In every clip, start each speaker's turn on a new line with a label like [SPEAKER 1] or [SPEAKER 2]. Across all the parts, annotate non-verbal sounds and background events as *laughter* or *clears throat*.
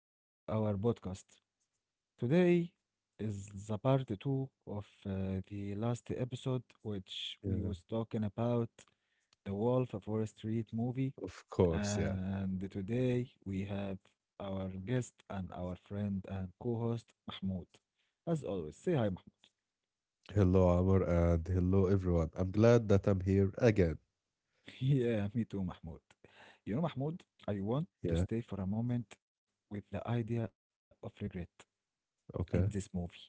[SPEAKER 1] back to our podcast. Today is the part two of the last episode, which we was
[SPEAKER 2] Yeah,
[SPEAKER 1] talking about the Wolf of Wall Street movie.
[SPEAKER 2] of course. Yeah.
[SPEAKER 1] And today we have our guest and our friend and co-host Mahmoud. As always, say hi, Mahmoud.
[SPEAKER 2] Hello, Amr, and hello, everyone. I'm glad that I'm here again.
[SPEAKER 1] *laughs* yeah, me too, Mahmoud. You know, Mahmoud, I want to
[SPEAKER 2] Yeah.
[SPEAKER 1] stay for a moment with the idea of regret in this movie.
[SPEAKER 2] Okay.
[SPEAKER 1] Like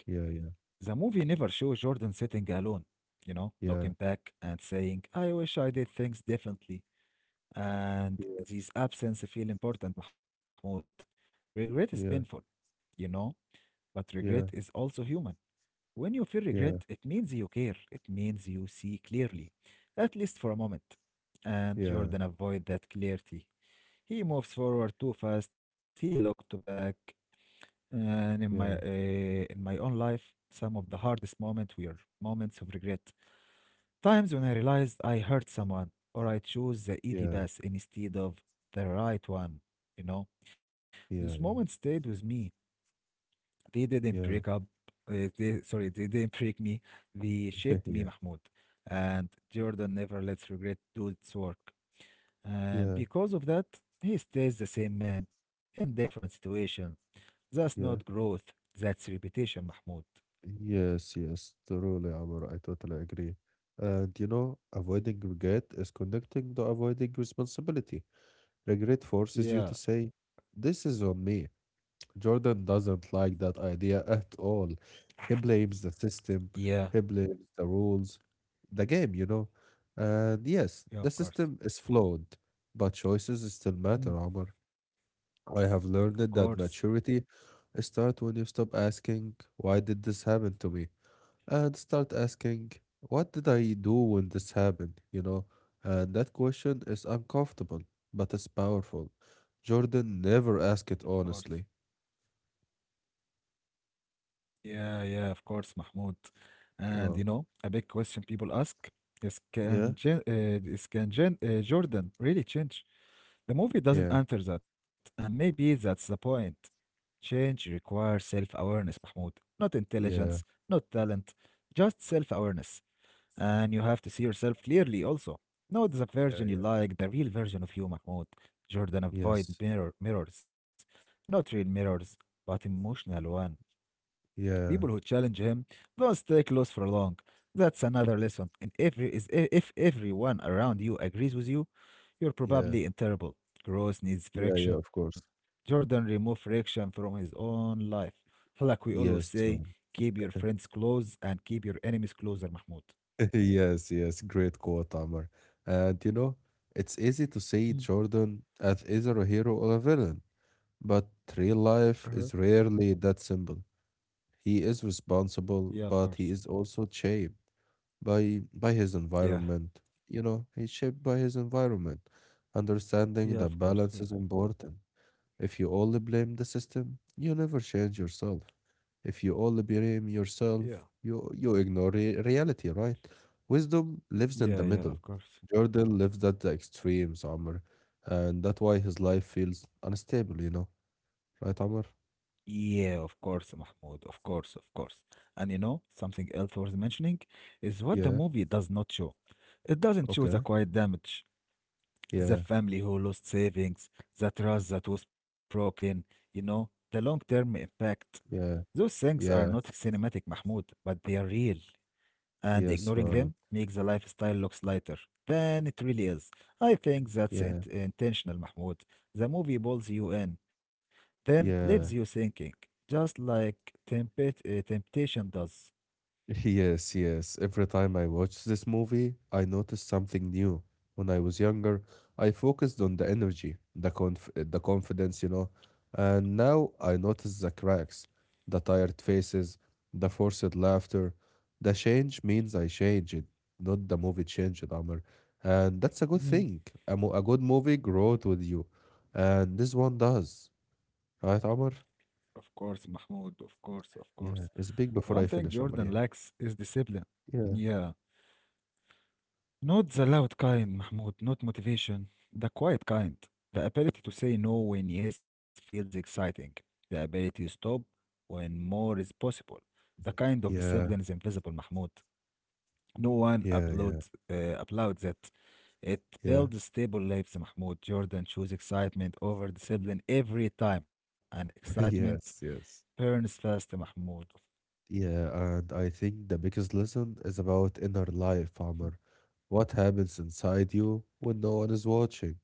[SPEAKER 1] The
[SPEAKER 2] Yeah.
[SPEAKER 1] movie never shows Jordan sitting alone, you know, looking
[SPEAKER 2] Yeah.
[SPEAKER 1] back and saying, I wish I did things differently. And these absence feel important, Mahmoud. Regret is painful,
[SPEAKER 2] Yeah.
[SPEAKER 1] you know, but regret is
[SPEAKER 2] Yeah.
[SPEAKER 1] also human. When you feel regret, it
[SPEAKER 2] Yeah.
[SPEAKER 1] means you care, it means you see clearly, at least for a moment. And
[SPEAKER 2] Yeah.
[SPEAKER 1] Jordan avoid that clarity. He moves forward too fast, he looked back, and in my
[SPEAKER 2] Yeah.
[SPEAKER 1] uh, in my own life, some of the hardest moments were moments of regret. Times when I realized I hurt someone or I chose the easy
[SPEAKER 2] Yeah.
[SPEAKER 1] path instead of the right one. You know, those
[SPEAKER 2] Yeah.
[SPEAKER 1] moments stayed with me. They didn't break up.
[SPEAKER 2] Yeah. Yeah.
[SPEAKER 1] They, sorry, they didn't break me. They shaped me,
[SPEAKER 2] *laughs*
[SPEAKER 1] Mahmoud.
[SPEAKER 2] Yeah.
[SPEAKER 1] And Jordan never lets regret do its work. And
[SPEAKER 2] Yeah.
[SPEAKER 1] because of that, he stays the same man in different situation. That's not growth,
[SPEAKER 2] Yeah.
[SPEAKER 1] that's repetition, Mahmoud.
[SPEAKER 2] Yes. Yes. Truly, Amr. I totally agree. And avoiding regret is connecting to avoiding responsibility. Regret forces you
[SPEAKER 1] Yeah,
[SPEAKER 2] to say, "This is on me." Jordan doesn't like that idea at all. He blames the
[SPEAKER 1] yeah,
[SPEAKER 2] system, he blames the rules, the game. You know. And yes,
[SPEAKER 1] yeah,
[SPEAKER 2] the
[SPEAKER 1] of course.
[SPEAKER 2] system is flawed, but choices still matter,
[SPEAKER 1] Mm,
[SPEAKER 2] Omar. I have
[SPEAKER 1] of
[SPEAKER 2] learned
[SPEAKER 1] course,
[SPEAKER 2] that maturity starts when you stop asking, why did this happen to me? And start asking, what did I do when this happened? And that question is uncomfortable, but it's powerful. Jordan never
[SPEAKER 1] of
[SPEAKER 2] asked it
[SPEAKER 1] course.
[SPEAKER 2] honestly.
[SPEAKER 1] Yeah, yeah, of course, Mahmoud. And you know, a
[SPEAKER 2] Wow.
[SPEAKER 1] big question people ask
[SPEAKER 2] Yeah.
[SPEAKER 1] Is can Jan, Jordan really change? The movie doesn't
[SPEAKER 2] Yeah,
[SPEAKER 1] answer that, and maybe that's the point. Change requires self-awareness, Mahmoud. Not intelligence, not
[SPEAKER 2] yeah,
[SPEAKER 1] talent, just self-awareness. And you have to see yourself clearly also. Not the version
[SPEAKER 2] yeah,
[SPEAKER 1] you
[SPEAKER 2] yeah.
[SPEAKER 1] like, the real version of you, Mahmoud. Jordan avoid
[SPEAKER 2] Yes,
[SPEAKER 1] mirrors. Not real mirrors, but emotional one. People who challenge
[SPEAKER 2] yeah,
[SPEAKER 1] him don't stay close for long. That's another lesson. And if everyone around you agrees with you, you're
[SPEAKER 2] yeah,
[SPEAKER 1] probably in terrible. Growth needs
[SPEAKER 2] yeah, yeah,
[SPEAKER 1] friction.
[SPEAKER 2] of course.
[SPEAKER 1] Jordan removed friction from his own life. Like we always say,
[SPEAKER 2] Yes,
[SPEAKER 1] keep
[SPEAKER 2] true.
[SPEAKER 1] your friends close and keep your enemies closer, Mahmoud.
[SPEAKER 2] *laughs* Yes, yes, great quote, Amr. And it's easy to see
[SPEAKER 1] Hmm.
[SPEAKER 2] Jordan as either a hero or a villain, but real
[SPEAKER 1] Uh-huh.
[SPEAKER 2] life is rarely that simple. He is
[SPEAKER 1] Yeah, of course.
[SPEAKER 2] responsible, but he is also shaped by his
[SPEAKER 1] Yeah.
[SPEAKER 2] environment. He's shaped by his environment. Understanding
[SPEAKER 1] Yeah,
[SPEAKER 2] that
[SPEAKER 1] of course. Of
[SPEAKER 2] balance
[SPEAKER 1] course.
[SPEAKER 2] is important. If you only blame the system, you never change yourself. If you only blame
[SPEAKER 1] Yeah.
[SPEAKER 2] yourself, you ignore reality, right? Wisdom lives
[SPEAKER 1] Yeah,
[SPEAKER 2] in the
[SPEAKER 1] yeah, of
[SPEAKER 2] middle.
[SPEAKER 1] course.
[SPEAKER 2] Jordan lives at the extremes, Amr. And that's why his life feels unstable, you know? Right, Amr?
[SPEAKER 1] Yeah, of course, Mahmoud. Of course, of course. And you know, something else worth mentioning is what the movie
[SPEAKER 2] Yeah,
[SPEAKER 1] does not show. It doesn't show the
[SPEAKER 2] okay.
[SPEAKER 1] quiet damage, the
[SPEAKER 2] Yeah,
[SPEAKER 1] family who lost savings, the trust that was broken, you know, the long-term impact. Those
[SPEAKER 2] yeah,
[SPEAKER 1] things are not
[SPEAKER 2] yeah,
[SPEAKER 1] cinematic, Mahmoud, but they are real and ignoring
[SPEAKER 2] yes,
[SPEAKER 1] them
[SPEAKER 2] right.
[SPEAKER 1] makes the lifestyle looks lighter than it really is. I think that's
[SPEAKER 2] Yeah,
[SPEAKER 1] intentional, Mahmoud. The movie pulls you in, then leaves you
[SPEAKER 2] yeah.
[SPEAKER 1] thinking, just like temptation does.
[SPEAKER 2] Yes, yes. Every time I watch this movie, I notice something new. When I was younger, I focused on the energy, the conf the confidence, you know. And now I notice the cracks, the tired faces, the forced laughter. The change means I changed, not the movie changed, Amr. And that's a good
[SPEAKER 1] Mhm.
[SPEAKER 2] thing. A good movie grows with you. And this one does. Right, Amr?
[SPEAKER 1] Of course, Mahmoud, of course, of course.
[SPEAKER 2] Yeah.
[SPEAKER 1] One thing
[SPEAKER 2] Speak before I
[SPEAKER 1] Jordan
[SPEAKER 2] finish,
[SPEAKER 1] lacks
[SPEAKER 2] Amr. Yeah.
[SPEAKER 1] is discipline. Yeah.
[SPEAKER 2] Yeah.
[SPEAKER 1] Not the loud kind, Mahmoud, not motivation. The quiet kind. The ability to say no when yes feels exciting. The ability to stop when more is possible. The kind of discipline is
[SPEAKER 2] Yeah.
[SPEAKER 1] invisible, Mahmoud. No one
[SPEAKER 2] Yeah. Yeah.
[SPEAKER 1] applauds it. It
[SPEAKER 2] Yeah.
[SPEAKER 1] builds stable lives, Mahmoud. Jordan chose excitement over discipline every time, and excitement
[SPEAKER 2] Yes, yes.
[SPEAKER 1] burns fast, Mahmoud.
[SPEAKER 2] Yeah, and I think the biggest lesson is about inner life, Amr. What happens inside you when no one is watching?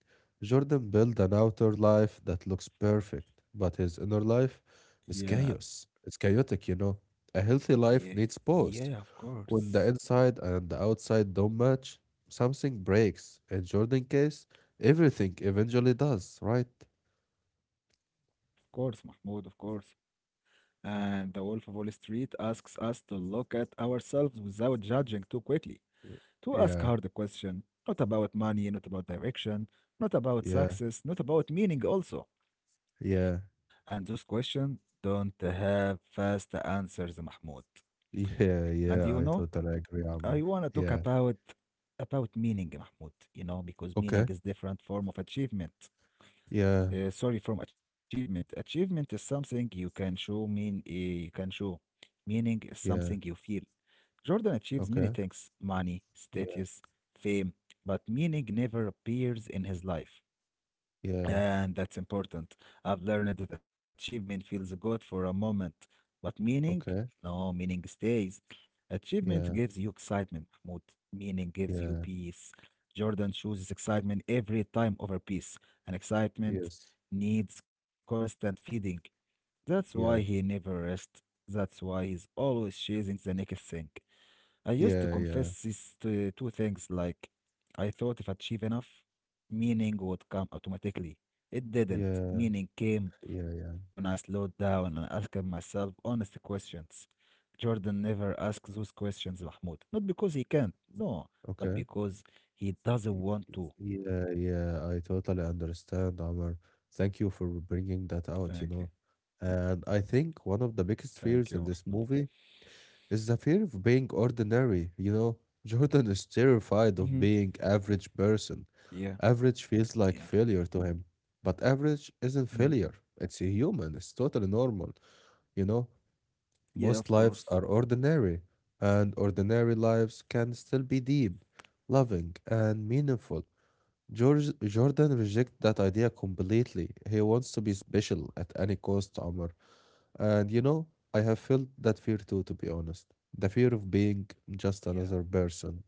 [SPEAKER 2] Jordan built an outer life that looks perfect, but his inner life
[SPEAKER 1] Yeah,
[SPEAKER 2] is chaos. It's chaotic, you know. A
[SPEAKER 1] yeah,
[SPEAKER 2] healthy life needs
[SPEAKER 1] yeah, of
[SPEAKER 2] pause.
[SPEAKER 1] course.
[SPEAKER 2] When the inside and the outside don't match, something breaks. In Jordan's case, everything eventually does, right?
[SPEAKER 1] Of course, Mahmoud, of course. And The Wolf of Wall Street asks us to look at ourselves without judging too quickly, to ask hard
[SPEAKER 2] Yeah,
[SPEAKER 1] question, not about money, not about direction, not about
[SPEAKER 2] yeah,
[SPEAKER 1] success, not about meaning also.
[SPEAKER 2] yeah.
[SPEAKER 1] And those questions don't have fast answers, Mahmoud. And you
[SPEAKER 2] Yeah,
[SPEAKER 1] know,
[SPEAKER 2] yeah, I totally
[SPEAKER 1] I
[SPEAKER 2] agree,
[SPEAKER 1] wanna
[SPEAKER 2] Amr.
[SPEAKER 1] talk
[SPEAKER 2] Yeah.
[SPEAKER 1] about meaning, Mahmoud, you know, because meaning
[SPEAKER 2] Okay.
[SPEAKER 1] is different form of achievement.
[SPEAKER 2] Yeah,
[SPEAKER 1] Sorry, from achievement. Achievement is something you can show mean you can show. Meaning is something you feel.
[SPEAKER 2] yeah.
[SPEAKER 1] Jordan achieves many things
[SPEAKER 2] Okay.
[SPEAKER 1] money, status,
[SPEAKER 2] Yeah,
[SPEAKER 1] fame, but meaning never appears in his life.
[SPEAKER 2] yeah.
[SPEAKER 1] And that's important. I've learned that achievement feels good for a moment, but meaning? No,
[SPEAKER 2] Okay.
[SPEAKER 1] meaning stays. Achievement gives you
[SPEAKER 2] Yeah,
[SPEAKER 1] excitement, Mahmoud. Meaning gives you
[SPEAKER 2] yeah.
[SPEAKER 1] peace. Jordan chooses excitement every time over peace, and excitement
[SPEAKER 2] Yes.
[SPEAKER 1] needs constant feeding. That's why he
[SPEAKER 2] Yeah.
[SPEAKER 1] never rests. That's why he's always chasing the next thing. I used to confess
[SPEAKER 2] Yeah,
[SPEAKER 1] these
[SPEAKER 2] yeah.
[SPEAKER 1] two, two things like I thought if I achieve enough, meaning would come automatically. It didn't.
[SPEAKER 2] Yeah,
[SPEAKER 1] Meaning came
[SPEAKER 2] yeah,
[SPEAKER 1] when
[SPEAKER 2] yeah.
[SPEAKER 1] I slowed down and asked myself honest questions. Jordan never asks those questions, Mahmoud. Not because he can't, no, but
[SPEAKER 2] Okay.
[SPEAKER 1] because he doesn't
[SPEAKER 2] Y-
[SPEAKER 1] want to.
[SPEAKER 2] Yeah, yeah. I totally understand, Amr. Thank you for bringing that
[SPEAKER 1] Thank you.
[SPEAKER 2] out, you know. And I think one of the
[SPEAKER 1] Thank you.
[SPEAKER 2] biggest fears in this movie, it's the fear of being ordinary, you know? Jordan is
[SPEAKER 1] Mm-hmm.
[SPEAKER 2] terrified of being average person.
[SPEAKER 1] Yeah,
[SPEAKER 2] Average feels like
[SPEAKER 1] yeah.
[SPEAKER 2] failure to him. But average isn't
[SPEAKER 1] Mm.
[SPEAKER 2] failure. It's a human. It's totally normal. You know,
[SPEAKER 1] Yeah, of course.
[SPEAKER 2] most lives are ordinary, and ordinary lives can still be deep, loving, and meaningful. George Jordan rejects that idea completely. He wants to be special at any cost, Omar. And I have felt that fear too, to be honest. The fear of being
[SPEAKER 1] Yeah.
[SPEAKER 2] just another person.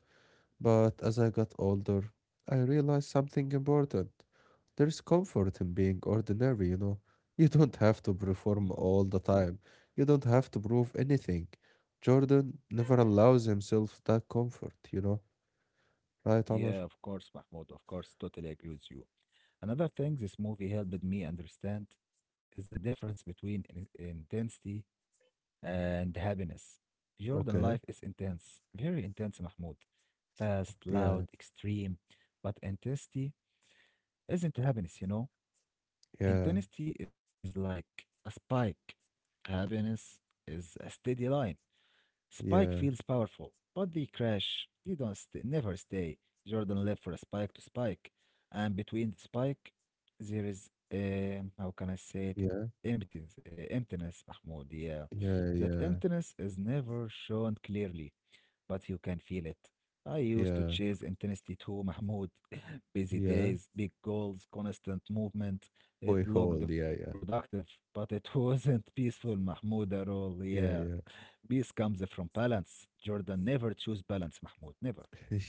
[SPEAKER 2] But as I got older, I realized something important. There is comfort in being ordinary, you know. You don't have to
[SPEAKER 1] Mhm.
[SPEAKER 2] perform all the time. You don't have to prove anything. Jordan never allows himself that comfort, you know. Right,
[SPEAKER 1] Yeah, of
[SPEAKER 2] Amr?
[SPEAKER 1] course, Mahmoud. Of course, totally agree with you. Another thing this movie helped me understand is the difference between intensity and happiness. Jordan
[SPEAKER 2] Okay.
[SPEAKER 1] life is intense, very intense, Mahmoud. Fast,
[SPEAKER 2] Yeah,
[SPEAKER 1] loud, extreme. But intensity isn't happiness, you know?
[SPEAKER 2] yeah,
[SPEAKER 1] Intensity is like a spike. Happiness is a steady line. Spike
[SPEAKER 2] yeah,
[SPEAKER 1] feels powerful, but they crash. They don't stay, never stay. Jordan left for Spike to Spike, and between Spike, there is how can I
[SPEAKER 2] yeah,
[SPEAKER 1] say it? Emptiness, emptiness, Mahmoud. Yeah,
[SPEAKER 2] yeah,
[SPEAKER 1] that
[SPEAKER 2] yeah,
[SPEAKER 1] emptiness is never shown clearly, but you can feel it. I used to
[SPEAKER 2] yeah,
[SPEAKER 1] chase intensity too, Mahmoud. *laughs* Busy
[SPEAKER 2] yeah.
[SPEAKER 1] days, big goals, constant movement. It
[SPEAKER 2] Boy, hold.
[SPEAKER 1] looked
[SPEAKER 2] Yeah, yeah,
[SPEAKER 1] productive, but it *laughs* wasn't peaceful, Mahmoud, at all. Yeah.
[SPEAKER 2] yeah, yeah.
[SPEAKER 1] Peace comes from balance. Jordan never chose balance, Mahmoud. Never. *laughs*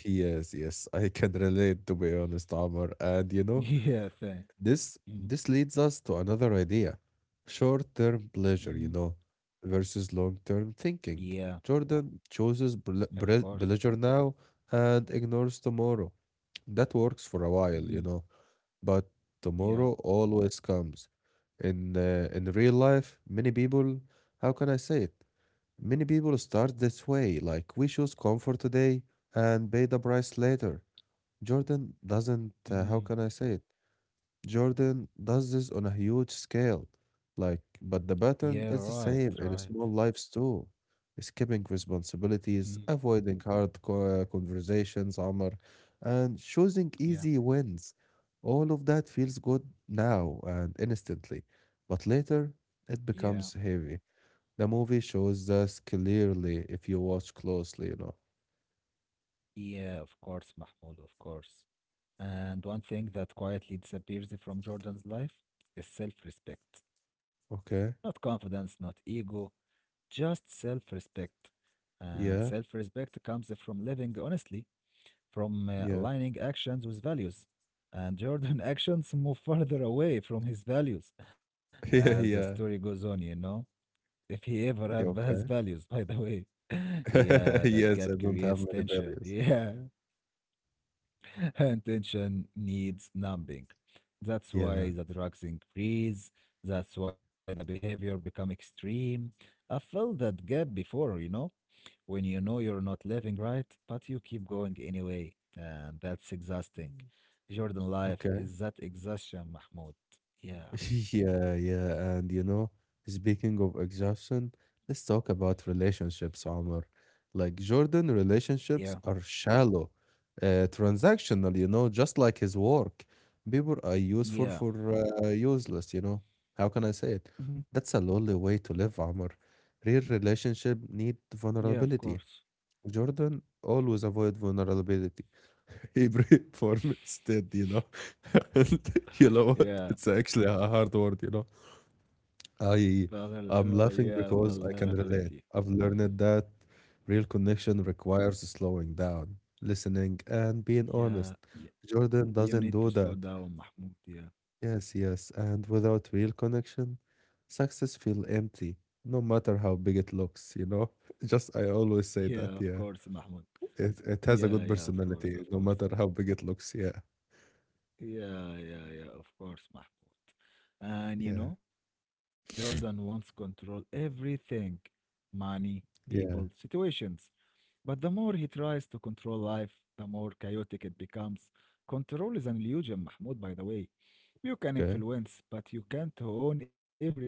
[SPEAKER 2] Yes, yes, I can relate to be honest, Omar. And
[SPEAKER 1] Yeah, fair.
[SPEAKER 2] this
[SPEAKER 1] Mm,
[SPEAKER 2] this leads us to another idea. Short-term
[SPEAKER 1] mm,
[SPEAKER 2] pleasure, versus long-term
[SPEAKER 1] *clears throat* yeah,
[SPEAKER 2] thinking. Jordan
[SPEAKER 1] of
[SPEAKER 2] chooses
[SPEAKER 1] course.
[SPEAKER 2] pleasure now and ignores tomorrow. That works for a while,
[SPEAKER 1] Mm,
[SPEAKER 2] but
[SPEAKER 1] yeah.
[SPEAKER 2] tomorrow always comes. In real life, many people, how can I say it? Many people start this way, like we choose comfort today and pay the price later. Jordan doesn't, how
[SPEAKER 1] Mm.
[SPEAKER 2] can I say it? Jordan does this on a huge scale. Like, but the
[SPEAKER 1] Yeah,
[SPEAKER 2] pattern
[SPEAKER 1] right,
[SPEAKER 2] is the
[SPEAKER 1] right.
[SPEAKER 2] same in small lives too. Skipping
[SPEAKER 1] Mhm.
[SPEAKER 2] responsibilities, avoiding hard conversations, Omar, and choosing
[SPEAKER 1] Yeah.
[SPEAKER 2] easy wins. All of that feels good now and instantly, but later it
[SPEAKER 1] Yeah,
[SPEAKER 2] becomes heavy. The movie shows this clearly if you watch closely, you know.
[SPEAKER 1] yeah, of course, Mahmoud, of course. And one thing that quietly disappears from Jordan's life is self-respect. Not
[SPEAKER 2] Okay?
[SPEAKER 1] confidence, not ego, just self-respect. And
[SPEAKER 2] Yeah,
[SPEAKER 1] self-respect comes from living honestly, from
[SPEAKER 2] yeah,
[SPEAKER 1] aligning actions with values. And Jordan *laughs* actions move further away from his values
[SPEAKER 2] *laughs*
[SPEAKER 1] as the
[SPEAKER 2] yeah,
[SPEAKER 1] story
[SPEAKER 2] yeah.
[SPEAKER 1] goes on, you know? If he ever have, has
[SPEAKER 2] Yeah,
[SPEAKER 1] values, by
[SPEAKER 2] okay.
[SPEAKER 1] the way. *laughs* Yeah, that gap
[SPEAKER 2] *laughs* Yes, I
[SPEAKER 1] creates
[SPEAKER 2] don't have
[SPEAKER 1] tension.
[SPEAKER 2] many values.
[SPEAKER 1] Yeah, *laughs* and tension needs numbing. That's why
[SPEAKER 2] Yeah.
[SPEAKER 1] the drugs increase. That's why the behavior become extreme. I felt that gap before, you know? When you know you're not living right, but you keep going anyway. And that's exhausting. Jordan life
[SPEAKER 2] Okay.
[SPEAKER 1] is that exhaustion, Mahmoud. Yeah,
[SPEAKER 2] *laughs* Yeah, yeah. And speaking of exhaustion, let's talk about relationships, Omar. Like Jordan,
[SPEAKER 1] yeah,
[SPEAKER 2] relationships are shallow, transactional, just like his work. People are useful
[SPEAKER 1] yeah,
[SPEAKER 2] for useless, you know. How can I say it?
[SPEAKER 1] hmm.
[SPEAKER 2] That's a lonely way to live, Omar. Real relationship
[SPEAKER 1] Yeah,
[SPEAKER 2] need
[SPEAKER 1] of course.
[SPEAKER 2] vulnerability. Jordan always avoid vulnerability. Hebrew *laughs* form instead, you know. *laughs* And you know what?
[SPEAKER 1] Yeah.
[SPEAKER 2] It's actually a hard word, you know. I I'm
[SPEAKER 1] Yeah,
[SPEAKER 2] laughing because I
[SPEAKER 1] vulnerability.
[SPEAKER 2] can relate. I've learned that
[SPEAKER 1] Yeah,
[SPEAKER 2] real connection requires slowing down, listening, and being
[SPEAKER 1] yeah,
[SPEAKER 2] honest.
[SPEAKER 1] yeah.
[SPEAKER 2] Jordan
[SPEAKER 1] You
[SPEAKER 2] doesn't
[SPEAKER 1] need to
[SPEAKER 2] do
[SPEAKER 1] slow
[SPEAKER 2] that.
[SPEAKER 1] down, Mahmoud. Yeah,
[SPEAKER 2] Yes, yes. And without real connection, success feel empty, no matter how big it looks, you know. *laughs* Just I
[SPEAKER 1] yeah,
[SPEAKER 2] always
[SPEAKER 1] of
[SPEAKER 2] say that,
[SPEAKER 1] course,
[SPEAKER 2] yeah.
[SPEAKER 1] Mahmoud.
[SPEAKER 2] It
[SPEAKER 1] Yeah,
[SPEAKER 2] has a
[SPEAKER 1] yeah,
[SPEAKER 2] good
[SPEAKER 1] of course, of
[SPEAKER 2] personality,
[SPEAKER 1] course.
[SPEAKER 2] no matter how big it looks, yeah.
[SPEAKER 1] Yeah, yeah, yeah, of course, Mahmoud. And you
[SPEAKER 2] Yeah.
[SPEAKER 1] know, Jordan wants control everything, money, people,
[SPEAKER 2] Yeah.
[SPEAKER 1] situations. But the more he tries to control life, the more chaotic it becomes. Control is an illusion, Mahmoud, by the way. You can
[SPEAKER 2] Okay.
[SPEAKER 1] influence, but you can't own everything.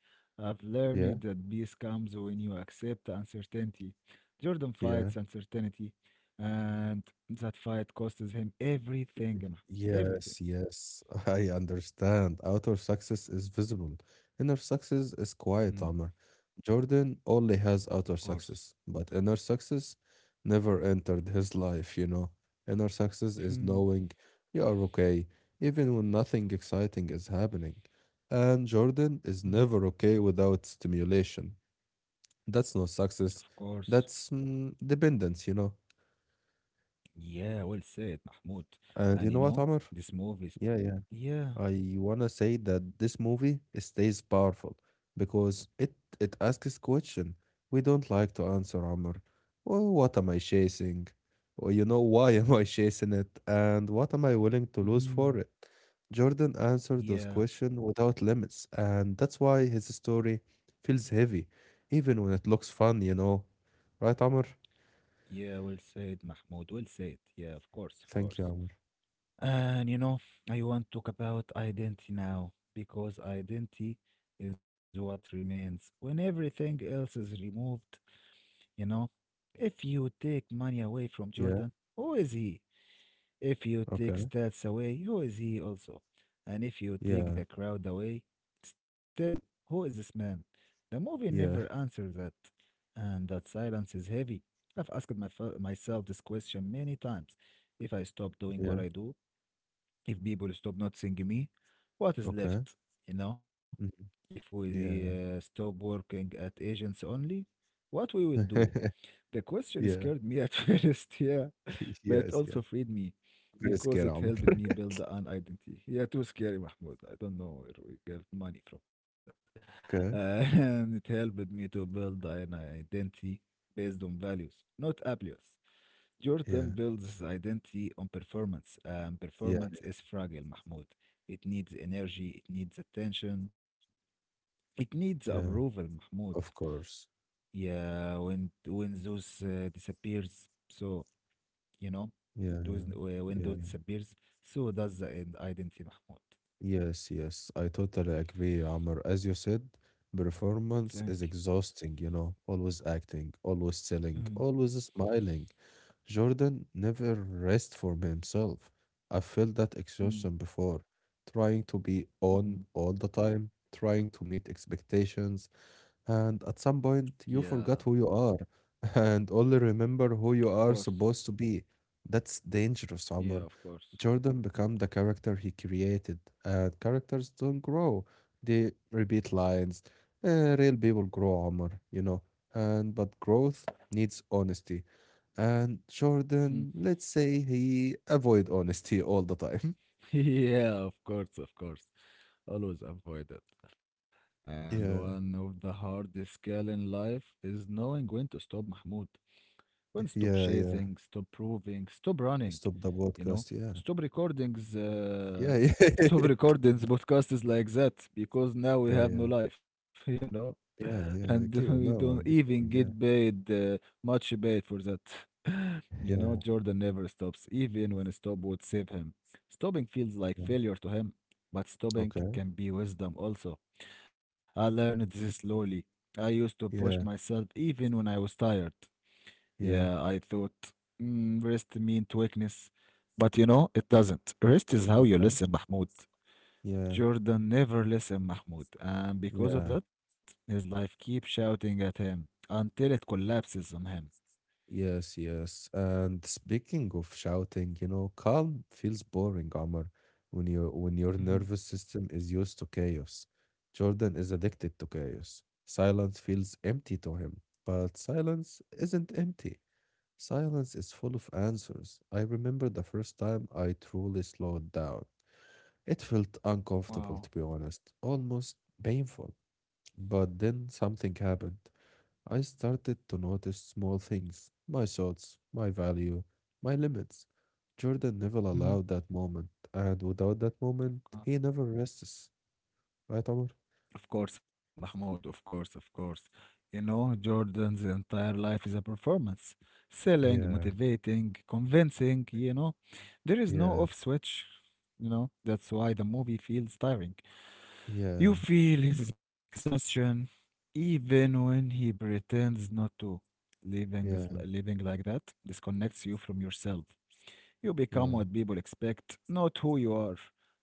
[SPEAKER 1] I've learned that
[SPEAKER 2] Yeah.
[SPEAKER 1] peace comes when you accept uncertainty. Jordan fights
[SPEAKER 2] Yeah.
[SPEAKER 1] uncertainty, and that fight costs him everything, Mahmoud, everything.
[SPEAKER 2] Yes. Yes. *laughs* I understand. Outer success is visible. Inner success is
[SPEAKER 1] Mm,
[SPEAKER 2] quiet, Amr. Jordan only
[SPEAKER 1] of
[SPEAKER 2] has
[SPEAKER 1] course.
[SPEAKER 2] outer success, but inner success never entered his life, you know. Inner success is
[SPEAKER 1] Mhm.
[SPEAKER 2] knowing you are okay, even when nothing exciting is happening. And Jordan
[SPEAKER 1] Mhm.
[SPEAKER 2] is never okay without stimulation. That's not
[SPEAKER 1] Of
[SPEAKER 2] success.
[SPEAKER 1] course.
[SPEAKER 2] That's dependence, you know.
[SPEAKER 1] Yeah, well said, Mahmoud.
[SPEAKER 2] And
[SPEAKER 1] And
[SPEAKER 2] you
[SPEAKER 1] you
[SPEAKER 2] know what,
[SPEAKER 1] know,
[SPEAKER 2] Amr?
[SPEAKER 1] this movies.
[SPEAKER 2] Yeah, yeah.
[SPEAKER 1] Yeah.
[SPEAKER 2] I wanna say that this movie stays powerful because it asks question we don't like to answer, Amr. Oh, what am I chasing? Or why am I chasing it? And what am I willing to lose for
[SPEAKER 1] Mhm.
[SPEAKER 2] it? Jordan answered those
[SPEAKER 1] Yeah.
[SPEAKER 2] questions without limits, and that's why his story feels heavy, even when it looks fun, you know. Right, Amr?
[SPEAKER 1] Yeah, well said, Mahmoud. Well said. Yeah, of course, of course.
[SPEAKER 2] Thank you, Amr.
[SPEAKER 1] And you know, I want to talk about identity now because identity is what remains when everything else is removed. You know, if you take money away from Jordan,
[SPEAKER 2] Yeah,
[SPEAKER 1] who is he? If you take
[SPEAKER 2] okay.
[SPEAKER 1] stats away, who is he also? And if you take
[SPEAKER 2] Yeah,
[SPEAKER 1] the crowd away, still, who is this man? The movie never
[SPEAKER 2] yeah,
[SPEAKER 1] answers that, and that silence is heavy. I've asked myself this question many times. If I stop doing what I
[SPEAKER 2] yeah,
[SPEAKER 1] do, if people stop noticing me, what is
[SPEAKER 2] okay.
[SPEAKER 1] left? You know,
[SPEAKER 2] Mhm.
[SPEAKER 1] if we
[SPEAKER 2] Yeah.
[SPEAKER 1] stop working at agents only, what we will do?
[SPEAKER 2] *laughs*
[SPEAKER 1] The question scared me
[SPEAKER 2] yeah.
[SPEAKER 1] at *laughs* first, yeah, but
[SPEAKER 2] *laughs*
[SPEAKER 1] it also
[SPEAKER 2] Yes, yes.
[SPEAKER 1] freed me
[SPEAKER 2] Very
[SPEAKER 1] because
[SPEAKER 2] scary,
[SPEAKER 1] it
[SPEAKER 2] Omar.
[SPEAKER 1] helped me
[SPEAKER 2] *laughs*
[SPEAKER 1] build an identity. Yeah, too scary, Mahmoud. I don't know where we get money from that. *laughs*
[SPEAKER 2] Okay.
[SPEAKER 1] And it helped me to build an identity based on values, not appeals. Jordan
[SPEAKER 2] Yeah,
[SPEAKER 1] builds his identity on performance, and
[SPEAKER 2] yeah,
[SPEAKER 1] performance is fragile, Mahmoud. It needs energy, it needs attention, it needs approval,
[SPEAKER 2] yeah.
[SPEAKER 1] Mahmoud.
[SPEAKER 2] Of course.
[SPEAKER 1] Yeah, when Zeus disappears, so you know
[SPEAKER 2] Yeah,
[SPEAKER 1] those when
[SPEAKER 2] yeah,
[SPEAKER 1] those
[SPEAKER 2] yeah, yeah.
[SPEAKER 1] disappears, so does the identity, Mahmoud.
[SPEAKER 2] Yes, yes. I totally agree, Amr. As you said, performance
[SPEAKER 1] Thank
[SPEAKER 2] is exhausting, always acting,
[SPEAKER 1] you.
[SPEAKER 2] always
[SPEAKER 1] Mm,
[SPEAKER 2] selling, always smiling. Jordan never rests for himself. I felt that
[SPEAKER 1] mm,
[SPEAKER 2] exhaustion before, trying to be on
[SPEAKER 1] mm.
[SPEAKER 2] all the time, trying to meet expectations, and at some point
[SPEAKER 1] Yeah,
[SPEAKER 2] you forgot who you are *laughs* and only
[SPEAKER 1] of
[SPEAKER 2] remember who you
[SPEAKER 1] course.
[SPEAKER 2] are supposed to be. That's dangerous,
[SPEAKER 1] Yeah, of
[SPEAKER 2] Omar.
[SPEAKER 1] course.
[SPEAKER 2] Jordan became the character he created, and characters don't grow. They repeat lines. Real people grow, Omar, you know. And but growth needs honesty. And
[SPEAKER 1] Mm.
[SPEAKER 2] Jordan, let's say he avoid honesty all the time. *laughs*
[SPEAKER 1] *laughs* Yeah, of course, of course. Always avoid it. And one
[SPEAKER 2] Yeah,
[SPEAKER 1] of the hardest skill in life is knowing when to stop, Mahmoud. When stop chasing,
[SPEAKER 2] yeah,
[SPEAKER 1] stop
[SPEAKER 2] yeah.
[SPEAKER 1] proving, stop running,
[SPEAKER 2] Stop
[SPEAKER 1] you
[SPEAKER 2] the
[SPEAKER 1] know,
[SPEAKER 2] podcast.
[SPEAKER 1] stop
[SPEAKER 2] Yeah.
[SPEAKER 1] recordings, uh,
[SPEAKER 2] Yeah,
[SPEAKER 1] *laughs* stop
[SPEAKER 2] yeah.
[SPEAKER 1] recordings, podcasts like that, because now we
[SPEAKER 2] *laughs*
[SPEAKER 1] have no
[SPEAKER 2] Yeah,
[SPEAKER 1] life, *laughs* you know, *laughs*
[SPEAKER 2] yeah,
[SPEAKER 1] and *laughs*
[SPEAKER 2] yeah,
[SPEAKER 1] we
[SPEAKER 2] yeah. Keep
[SPEAKER 1] don't
[SPEAKER 2] it.
[SPEAKER 1] even
[SPEAKER 2] No, keep
[SPEAKER 1] get
[SPEAKER 2] going.
[SPEAKER 1] paid
[SPEAKER 2] Yeah,
[SPEAKER 1] much paid for that. *laughs* You know, Jordan
[SPEAKER 2] yeah,
[SPEAKER 1] never stops, even when a stop would save him. Stopping feels like
[SPEAKER 2] yeah.
[SPEAKER 1] failure to him, but stopping
[SPEAKER 2] Okay.
[SPEAKER 1] can be wisdom also. I learned this slowly. I used to push myself
[SPEAKER 2] Yeah,
[SPEAKER 1] even when I was tired. Yeah, I
[SPEAKER 2] yeah.
[SPEAKER 1] thought mm, rest meant weakness, but you know, it doesn't. Rest is how you
[SPEAKER 2] Okay.
[SPEAKER 1] listen, Mahmoud.
[SPEAKER 2] Yeah,
[SPEAKER 1] Jordan never listened, Mahmoud, and because of
[SPEAKER 2] yeah.
[SPEAKER 1] that, his life keeps shouting at him until it collapses on him.
[SPEAKER 2] Yes, yes. And speaking of shouting, calm feels boring, Omar, when your
[SPEAKER 1] Hmm.
[SPEAKER 2] nervous system is used to chaos. Jordan is addicted to chaos. Silence feels empty to him, but silence isn't empty. Silence is full of answers. I remember the first time I truly slowed down. It felt uncomfortable,
[SPEAKER 1] Wow.
[SPEAKER 2] to be honest, almost painful. But then something happened. I started to notice small things my thoughts, my value, my limits. Jordan never
[SPEAKER 1] Hmm.
[SPEAKER 2] allowed that moment, and without that moment,
[SPEAKER 1] Uh,
[SPEAKER 2] he never rests. Right, Omar?
[SPEAKER 1] Of course, Mahmoud, of course, of course. You know, Jordan's entire life is a performance. Selling,
[SPEAKER 2] Yeah,
[SPEAKER 1] motivating, convincing, you know. There is no off
[SPEAKER 2] yeah,
[SPEAKER 1] switch, That's why the movie feels tiring. You
[SPEAKER 2] yeah,
[SPEAKER 1] feel his exhaustion even when he pretends not to. Living, is, living
[SPEAKER 2] yeah,
[SPEAKER 1] like that disconnects you from yourself. You become what
[SPEAKER 2] yeah.
[SPEAKER 1] people expect, not who you are.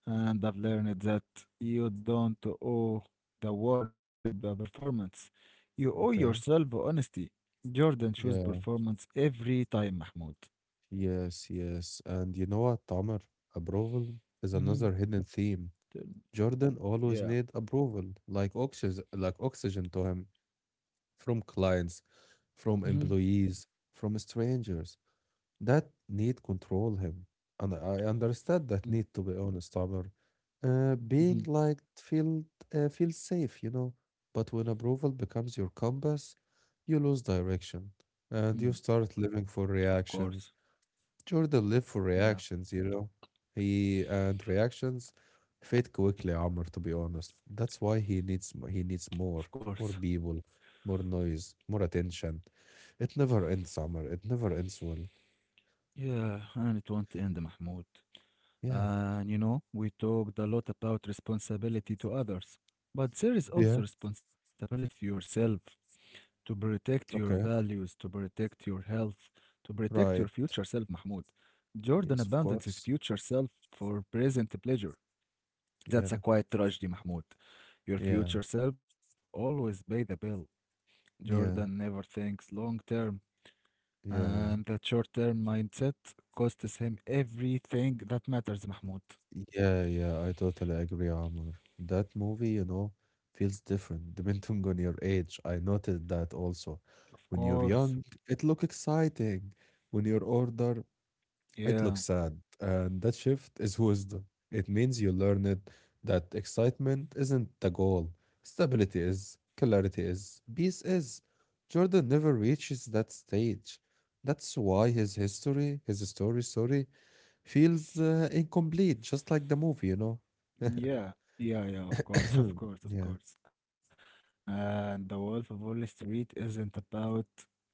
[SPEAKER 1] And I've learned that you don't owe the world a performance. You owe yourself
[SPEAKER 2] Okay,
[SPEAKER 1] honesty. Jordan shows performance
[SPEAKER 2] yeah,
[SPEAKER 1] every time, Mahmoud.
[SPEAKER 2] yes, yes. And you know what, Omar? Approval is
[SPEAKER 1] Mm-hmm.
[SPEAKER 2] another hidden theme. Jordan always
[SPEAKER 1] Yeah.
[SPEAKER 2] need approval, like oxygen to him, from clients,
[SPEAKER 1] Mm-hmm.
[SPEAKER 2] from employees, from strangers. That need control him. And I understand
[SPEAKER 1] Mm-hmm.
[SPEAKER 2] that need to be honest, Amr. Being liked feel safe, you know. But when approval becomes your compass, you lose direction
[SPEAKER 1] Mm-hmm.
[SPEAKER 2] and you start living
[SPEAKER 1] Of
[SPEAKER 2] for
[SPEAKER 1] course.
[SPEAKER 2] reactions. Jordan lived for
[SPEAKER 1] Yeah,
[SPEAKER 2] reactions, you know. He and reactions fade quickly, Amr, to be honest. That's why he needs
[SPEAKER 1] of
[SPEAKER 2] more,
[SPEAKER 1] course.
[SPEAKER 2] more people, more noise, more attention. It never ends, Amr. It never ends well.
[SPEAKER 1] Yeah, and it won't end, Mahmoud.
[SPEAKER 2] Yeah.
[SPEAKER 1] And we talked a lot about responsibility to others, but there is also
[SPEAKER 2] Yeah.
[SPEAKER 1] responsibility to yourself to protect your values,
[SPEAKER 2] Okay.
[SPEAKER 1] to protect your health, to protect your future
[SPEAKER 2] Right.
[SPEAKER 1] self, Mahmoud. Jordan
[SPEAKER 2] Yes,
[SPEAKER 1] abandons
[SPEAKER 2] of
[SPEAKER 1] his
[SPEAKER 2] course.
[SPEAKER 1] future self for present pleasure. That's
[SPEAKER 2] Yeah.
[SPEAKER 1] a quiet tragedy, Mahmoud. Your
[SPEAKER 2] Yeah.
[SPEAKER 1] future self always pay the bill. Jordan never
[SPEAKER 2] Yeah.
[SPEAKER 1] thinks long term. And
[SPEAKER 2] Yeah.
[SPEAKER 1] that
[SPEAKER 2] Yeah.
[SPEAKER 1] short-term mindset costs him everything that matters, Mahmoud.
[SPEAKER 2] Yeah. Yeah. I totally agree, Amr. That movie, feels different *laughs* depending on your age. I noted that also.
[SPEAKER 1] Of
[SPEAKER 2] When you're
[SPEAKER 1] course.
[SPEAKER 2] young, it look exciting. When you're older, it looks
[SPEAKER 1] Yeah.
[SPEAKER 2] sad, and that shift is wisdom. It means you learn it that excitement isn't the goal. Stability is, clarity is, peace is. Jordan never reaches that stage. That's why his story, sorry, feels incomplete, just like the movie, you know?
[SPEAKER 1] Yeah. Yeah, yeah, of
[SPEAKER 2] *coughs* *clears throat*
[SPEAKER 1] course, *laughs*
[SPEAKER 2] Yeah,
[SPEAKER 1] of course, of course. And The Wolf of Wall Street isn't about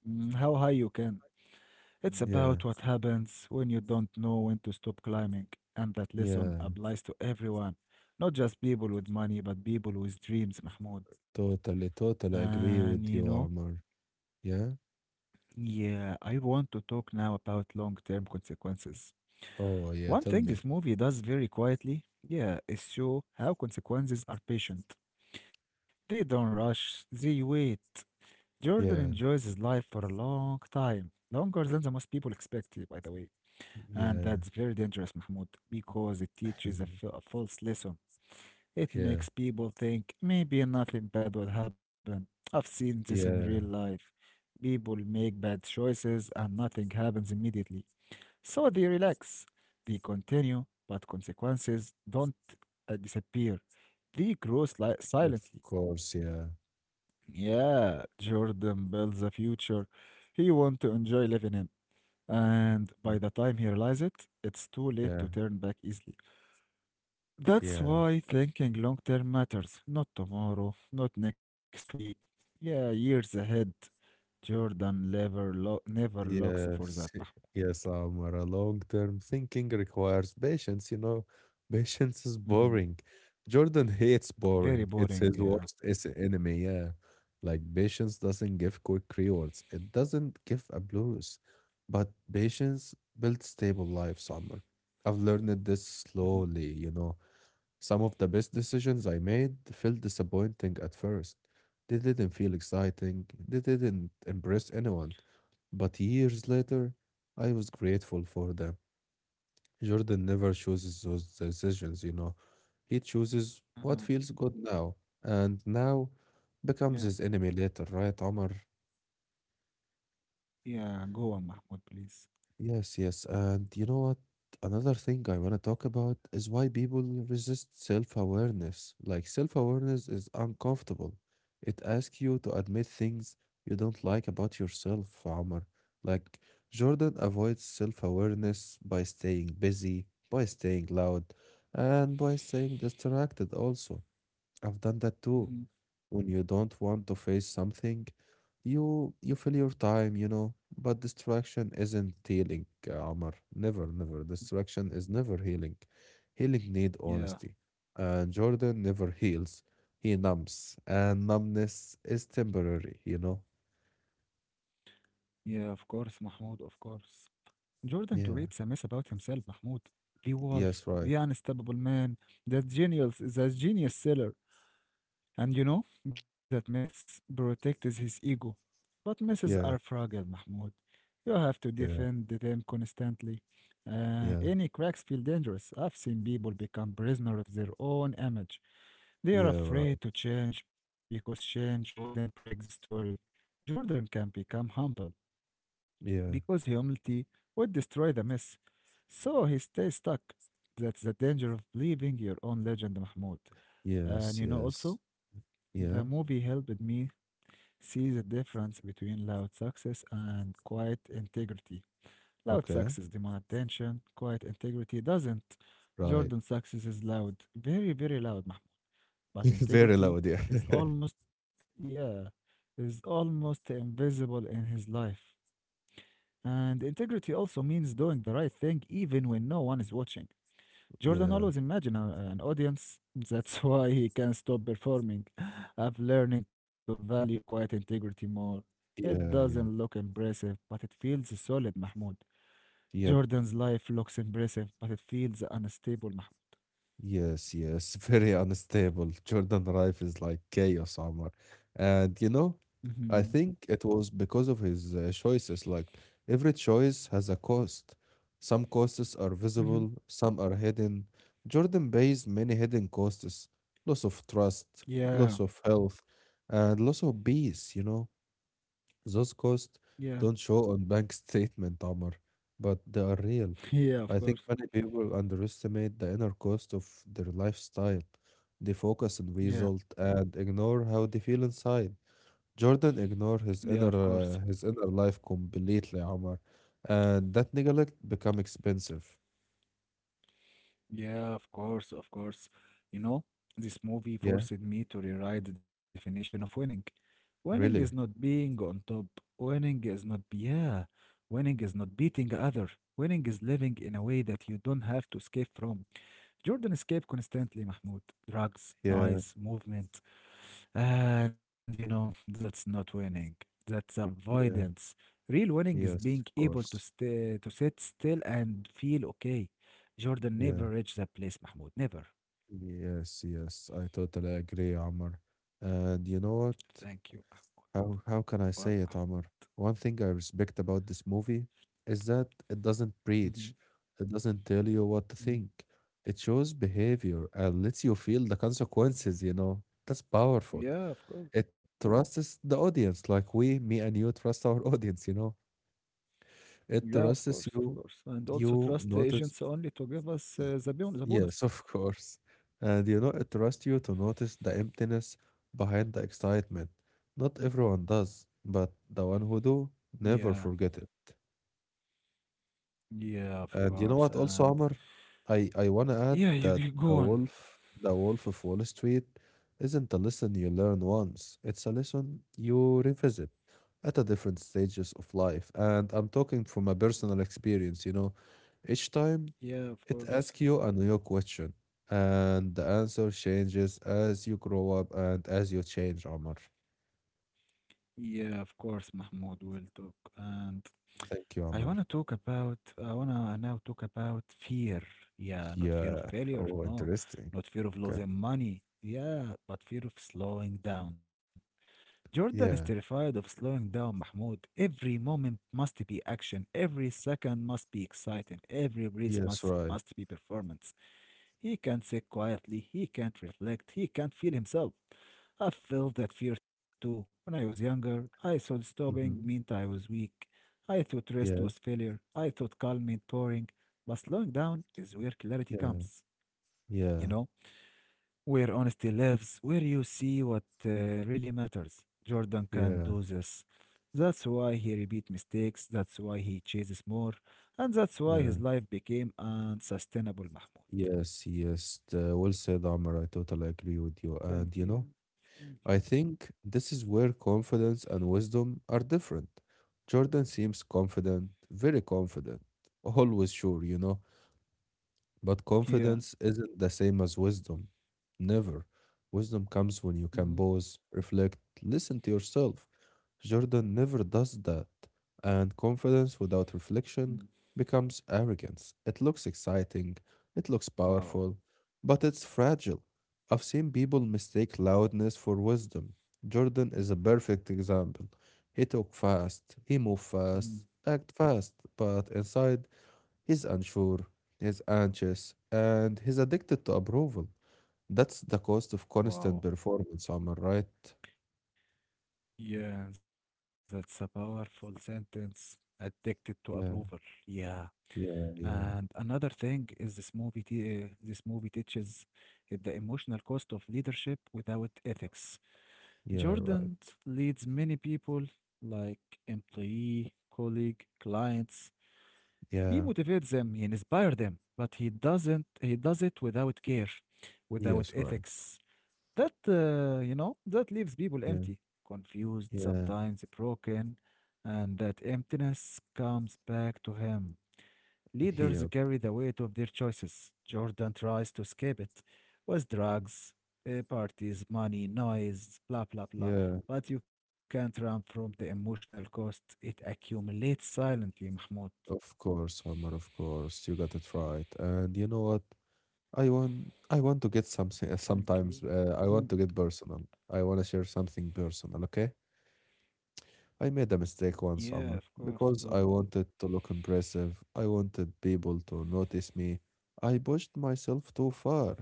[SPEAKER 1] how high you can. It's
[SPEAKER 2] yeah,
[SPEAKER 1] about what happens when you don't know when to stop climbing. And that
[SPEAKER 2] yeah.
[SPEAKER 1] lesson applies to everyone, not just people with money, but people with dreams, Mahmoud.
[SPEAKER 2] Totally, totally agree with
[SPEAKER 1] And
[SPEAKER 2] you, Amr. Yeah?
[SPEAKER 1] yeah, I want to talk now about long-term consequences.
[SPEAKER 2] Oh, yeah,
[SPEAKER 1] One
[SPEAKER 2] tell
[SPEAKER 1] thing
[SPEAKER 2] me.
[SPEAKER 1] this movie does very quietly, yeah, is show how consequences are patient. They don't rush, they wait. Jordan enjoys
[SPEAKER 2] Yeah,
[SPEAKER 1] his life for a long time, longer than the most people expect, by the way. And that's
[SPEAKER 2] yeah,
[SPEAKER 1] very dangerous, Mahmoud, because it teaches
[SPEAKER 2] *laughs*
[SPEAKER 1] a false lesson. It
[SPEAKER 2] yeah,
[SPEAKER 1] makes people think maybe nothing bad will happen. I've seen this in real
[SPEAKER 2] yeah.
[SPEAKER 1] life. People make bad choices and nothing happens immediately. So they relax, they continue, but consequences don't disappear. They grow
[SPEAKER 2] Of
[SPEAKER 1] silently.
[SPEAKER 2] course, yeah.
[SPEAKER 1] Yeah, Jordan builds a future he wants to enjoy living in. And by the time
[SPEAKER 2] Mm.
[SPEAKER 1] he realizes it, it's too late to
[SPEAKER 2] Yeah,
[SPEAKER 1] turn back easily. That's
[SPEAKER 2] yeah,
[SPEAKER 1] why thinking long term matters, not tomorrow, not next week. Yeah, years ahead. Jordan never, never looks for that, Mahmoud.
[SPEAKER 2] yes, *laughs* yes, Omar. A long-term thinking requires patience, you know. *laughs* Patience is
[SPEAKER 1] Mhm.
[SPEAKER 2] boring. Jordan hates
[SPEAKER 1] Very
[SPEAKER 2] boring. It's
[SPEAKER 1] boring,
[SPEAKER 2] his
[SPEAKER 1] yeah.
[SPEAKER 2] worst enemy, yeah. Like patience doesn't give quick rewards. It doesn't give a blues. But patience builds stable life, Summer. I've learned this
[SPEAKER 1] Mhm.
[SPEAKER 2] slowly, you know. Some of the best decisions I made felt disappointing at first. They didn't feel exciting, they didn't impress anyone, but years later, I was grateful for them. Jordan never chooses those decisions, you know. He chooses what
[SPEAKER 1] Uh-huh.
[SPEAKER 2] feels good now, and now
[SPEAKER 1] Yeah,
[SPEAKER 2] becomes his enemy later, right, Omar?
[SPEAKER 1] yeah, go on, Mahmoud, please.
[SPEAKER 2] Yes, yes. And you know what? Another thing I want to talk about is why people resist self-awareness. Like self-awareness is uncomfortable. It asks you to admit things you don't like about yourself, Omar. Like Jordan avoids self-awareness by staying busy, by staying loud, and by staying distracted also. I've done that too.
[SPEAKER 1] Mhm.
[SPEAKER 2] When you don't want to face something, you fill your time, you know. But distraction isn't healing, Amar. Never, never. Distraction is never healing. Healing need
[SPEAKER 1] Yeah,
[SPEAKER 2] honesty. And Jordan never heals. He numbs, and numbness is temporary, you know.
[SPEAKER 1] yeah, of course, Mahmoud, of course. Jordan creates a mess
[SPEAKER 2] Yeah.
[SPEAKER 1] about himself, Mahmoud. The wolf,
[SPEAKER 2] Yes,
[SPEAKER 1] the
[SPEAKER 2] right.
[SPEAKER 1] unstoppable man, the genius seller. And that myths protect his ego. But myths are fragile,
[SPEAKER 2] Yeah.
[SPEAKER 1] Mahmoud. You have to defend
[SPEAKER 2] Yeah.
[SPEAKER 1] them constantly. Any
[SPEAKER 2] Yeah.
[SPEAKER 1] cracks feel dangerous. I've seen people become prisoner of their own image. They are
[SPEAKER 2] Yeah, right.
[SPEAKER 1] afraid to change because change wouldn't break the story. Jordan can become humble because
[SPEAKER 2] Yeah.
[SPEAKER 1] humility would destroy the myth. So he stays stuck. That's the danger of believing your own legend, Mahmoud. And
[SPEAKER 2] Yes, yes.
[SPEAKER 1] also, the
[SPEAKER 2] Yeah.
[SPEAKER 1] movie helped me see the difference between loud success and quiet integrity. Loud success
[SPEAKER 2] Okay.
[SPEAKER 1] demands attention, quiet integrity doesn't.
[SPEAKER 2] Right.
[SPEAKER 1] Jordan's success is loud, very, very loud, Mahmoud. But
[SPEAKER 2] *laughs* Very
[SPEAKER 1] integrity
[SPEAKER 2] loud, yeah.
[SPEAKER 1] is
[SPEAKER 2] *laughs*
[SPEAKER 1] almost, yeah, is almost invisible in his life. And integrity also means doing the right thing even when no one is watching. Jordan always
[SPEAKER 2] Yeah.
[SPEAKER 1] imagine a- an audience. *laughs* That's why he can't stop performing. *laughs* I've learning to value quiet integrity more. It doesn't look
[SPEAKER 2] Yeah, yeah.
[SPEAKER 1] impressive, but it feels solid, Mahmoud. Jordan's
[SPEAKER 2] Yeah,
[SPEAKER 1] life looks impressive, but it feels unstable, Mahmoud.
[SPEAKER 2] yes, yes, *laughs* very unstable. Jordan Rife is like chaos, Omar. And you know,
[SPEAKER 1] Hmm.
[SPEAKER 2] I think it was because of his choices. Like every choice has a cost. Some costs are
[SPEAKER 1] Hmm.
[SPEAKER 2] visible, some are hidden. Jordan pays many hidden costs: loss of trust,
[SPEAKER 1] Yeah,
[SPEAKER 2] loss of health, and loss of peace, you know. Those
[SPEAKER 1] yeah,
[SPEAKER 2] costs don't show on *laughs* bank statement, Amr, but they are
[SPEAKER 1] *laughs*
[SPEAKER 2] real.
[SPEAKER 1] yeah, of course.
[SPEAKER 2] I think many people underestimate the inner cost of their lifestyle. They focus on
[SPEAKER 1] Yeah,
[SPEAKER 2] result and ignore how they feel inside. Jordan ignored
[SPEAKER 1] yeah, of course.
[SPEAKER 2] his inner life completely, Amr, and that neglect become expensive.
[SPEAKER 1] Yeah, of course, of course. You know, this movie
[SPEAKER 2] Yeah,
[SPEAKER 1] forced me to rewrite the definition of winning. Winning is not
[SPEAKER 2] really.
[SPEAKER 1] being on top. Winning is not, yeah, winning is not beating other. Winning is living in a way that you don't have to escape from. Jordan escaped constantly, Mahmoud. Drugs,
[SPEAKER 2] Yeah,
[SPEAKER 1] noise, movement. And you know, that's not winning. That's avoidance.
[SPEAKER 2] yeah,
[SPEAKER 1] Real winning is being able
[SPEAKER 2] yes,
[SPEAKER 1] to
[SPEAKER 2] of
[SPEAKER 1] stay,
[SPEAKER 2] course.
[SPEAKER 1] to sit still and feel okay. Jordan never
[SPEAKER 2] Yeah,
[SPEAKER 1] reached that place, Mahmoud. Never.
[SPEAKER 2] yes, yes. I totally agree, Amr. And you know what?
[SPEAKER 1] Thank you, Mahmoud.
[SPEAKER 2] How
[SPEAKER 1] What,
[SPEAKER 2] how can
[SPEAKER 1] Mahmoud?
[SPEAKER 2] I say it, Amr? One thing I respect about this movie is that it doesn't
[SPEAKER 1] Mhm.
[SPEAKER 2] preach. It doesn't tell you what to
[SPEAKER 1] Mm.
[SPEAKER 2] think. It shows behavior and lets you feel the consequences, you know. That's powerful.
[SPEAKER 1] Yeah, of course.
[SPEAKER 2] It trusts the audience, like we, me and you trust our *laughs* audience, you know.
[SPEAKER 1] Yeah, of
[SPEAKER 2] It
[SPEAKER 1] course, of
[SPEAKER 2] trusts
[SPEAKER 1] course. And
[SPEAKER 2] you.
[SPEAKER 1] also trust
[SPEAKER 2] You
[SPEAKER 1] agents only
[SPEAKER 2] notice
[SPEAKER 1] to give us
[SPEAKER 2] Y-
[SPEAKER 1] the bonus.
[SPEAKER 2] Yes, of course. And you know, it trusts you to notice the emptiness behind the excitement. Not everyone does, but the one who do
[SPEAKER 1] Yeah,
[SPEAKER 2] never forget it.
[SPEAKER 1] yeah, of course.
[SPEAKER 2] And you know what
[SPEAKER 1] And
[SPEAKER 2] also, Amr? I wanna
[SPEAKER 1] yeah,
[SPEAKER 2] add
[SPEAKER 1] you
[SPEAKER 2] that
[SPEAKER 1] go on.
[SPEAKER 2] the wolf of Wall Street isn't a lesson you learn once. It's a lesson you revisit at a different stages of life. And I'm talking from a personal experience, you know. Each time
[SPEAKER 1] Yeah, of course.
[SPEAKER 2] it asks you a new question, and the answer changes as you grow up and as you change, Omar.
[SPEAKER 1] Yeah, of course, Mahmoud will talk. And I wanna
[SPEAKER 2] Thank you,
[SPEAKER 1] talk
[SPEAKER 2] Omar.
[SPEAKER 1] about I wanna now talk about fear. Yeah, not fear of
[SPEAKER 2] Yeah.
[SPEAKER 1] failure,
[SPEAKER 2] Oh,
[SPEAKER 1] no,
[SPEAKER 2] interesting.
[SPEAKER 1] not fear of
[SPEAKER 2] Okay.
[SPEAKER 1] losing money. Yeah, but fear of slowing down. Jordan is
[SPEAKER 2] Yeah.
[SPEAKER 1] terrified of slowing down, Mahmoud. Every moment must be action. Every second must be exciting. Every
[SPEAKER 2] Yes,
[SPEAKER 1] breath
[SPEAKER 2] right.
[SPEAKER 1] must be performance. He can't sit quietly, he can't reflect, he can't feel himself. I've felt that fear too. When I was younger, I thought
[SPEAKER 2] Hmm.
[SPEAKER 1] stopping meant I was weak. I thought rest
[SPEAKER 2] Yeah.
[SPEAKER 1] was failure. I thought calm meant boring. But slowing down is where clarity
[SPEAKER 2] Yeah.
[SPEAKER 1] comes, you
[SPEAKER 2] Yeah.
[SPEAKER 1] know? Where honesty lives, where you see what really matters. Jordan can
[SPEAKER 2] Yeah.
[SPEAKER 1] do this. That's why he repeats mistakes, that's why he chases more, and that's why
[SPEAKER 2] Yeah.
[SPEAKER 1] his life became unsustainable, Mahmoud.
[SPEAKER 2] Yes. Yes. The, well said, Omar. I totally agree with you. And, you
[SPEAKER 1] Thank
[SPEAKER 2] know,
[SPEAKER 1] you.
[SPEAKER 2] I
[SPEAKER 1] Thank you.
[SPEAKER 2] think this is where confidence and wisdom are different. Jordan seems confident, very confident, always sure, you know. But
[SPEAKER 1] Yeah.
[SPEAKER 2] confidence isn't the same as wisdom. Never. Wisdom comes when you can pause,
[SPEAKER 1] Mhm.
[SPEAKER 2] reflect, listen to yourself. Jordan never does that. And confidence without
[SPEAKER 1] Mm.
[SPEAKER 2] reflection becomes arrogance. It looks exciting, it looks powerful,
[SPEAKER 1] Wow.
[SPEAKER 2] but it's fragile. I've seen people mistake loudness for wisdom. Jordan is a perfect example. He talked fast, he moved
[SPEAKER 1] Mhm.
[SPEAKER 2] fast, act fast, but inside he's unsure, he's anxious, and he's addicted to approval. That's the cost of constant
[SPEAKER 1] Wow.
[SPEAKER 2] performance, Omar, right?
[SPEAKER 1] Yeah, that's a powerful sentence. Addicted to approval.
[SPEAKER 2] Yeah,
[SPEAKER 1] Yeah.
[SPEAKER 2] yeah,
[SPEAKER 1] And
[SPEAKER 2] yeah,
[SPEAKER 1] another thing is this movie teaches the emotional cost of leadership without ethics.
[SPEAKER 2] yeah, right.
[SPEAKER 1] Jordan leads many people like employee, colleague, clients. He
[SPEAKER 2] Yeah,
[SPEAKER 1] motivates them, he inspires them, but he doesn't. He does it without care,
[SPEAKER 2] yes,
[SPEAKER 1] without
[SPEAKER 2] right.
[SPEAKER 1] ethics. That leaves
[SPEAKER 2] Yeah,
[SPEAKER 1] people empty,
[SPEAKER 2] yeah,
[SPEAKER 1] confused, sometimes broken, and that emptiness comes back to him. Leaders
[SPEAKER 2] yeah,
[SPEAKER 1] carry the weight of their choices. Jordan tries to escape it with drugs, parties, money, noise, blah blah blah.
[SPEAKER 2] yeah.
[SPEAKER 1] But you can't run from the emotional cost. It accumulates silently, Mahmoud.
[SPEAKER 2] Of course, Omar, of course. You got it right. And you know what? I want to get
[SPEAKER 1] Thank
[SPEAKER 2] something
[SPEAKER 1] you. *laughs*
[SPEAKER 2] sometimes I want to get personal. I want to share something personal, okay? I made a
[SPEAKER 1] Yeah,
[SPEAKER 2] mistake
[SPEAKER 1] of
[SPEAKER 2] one
[SPEAKER 1] course.
[SPEAKER 2] summer
[SPEAKER 1] Go on.
[SPEAKER 2] because I wanted to look impressive. I wanted people to notice me. I pushed myself too far.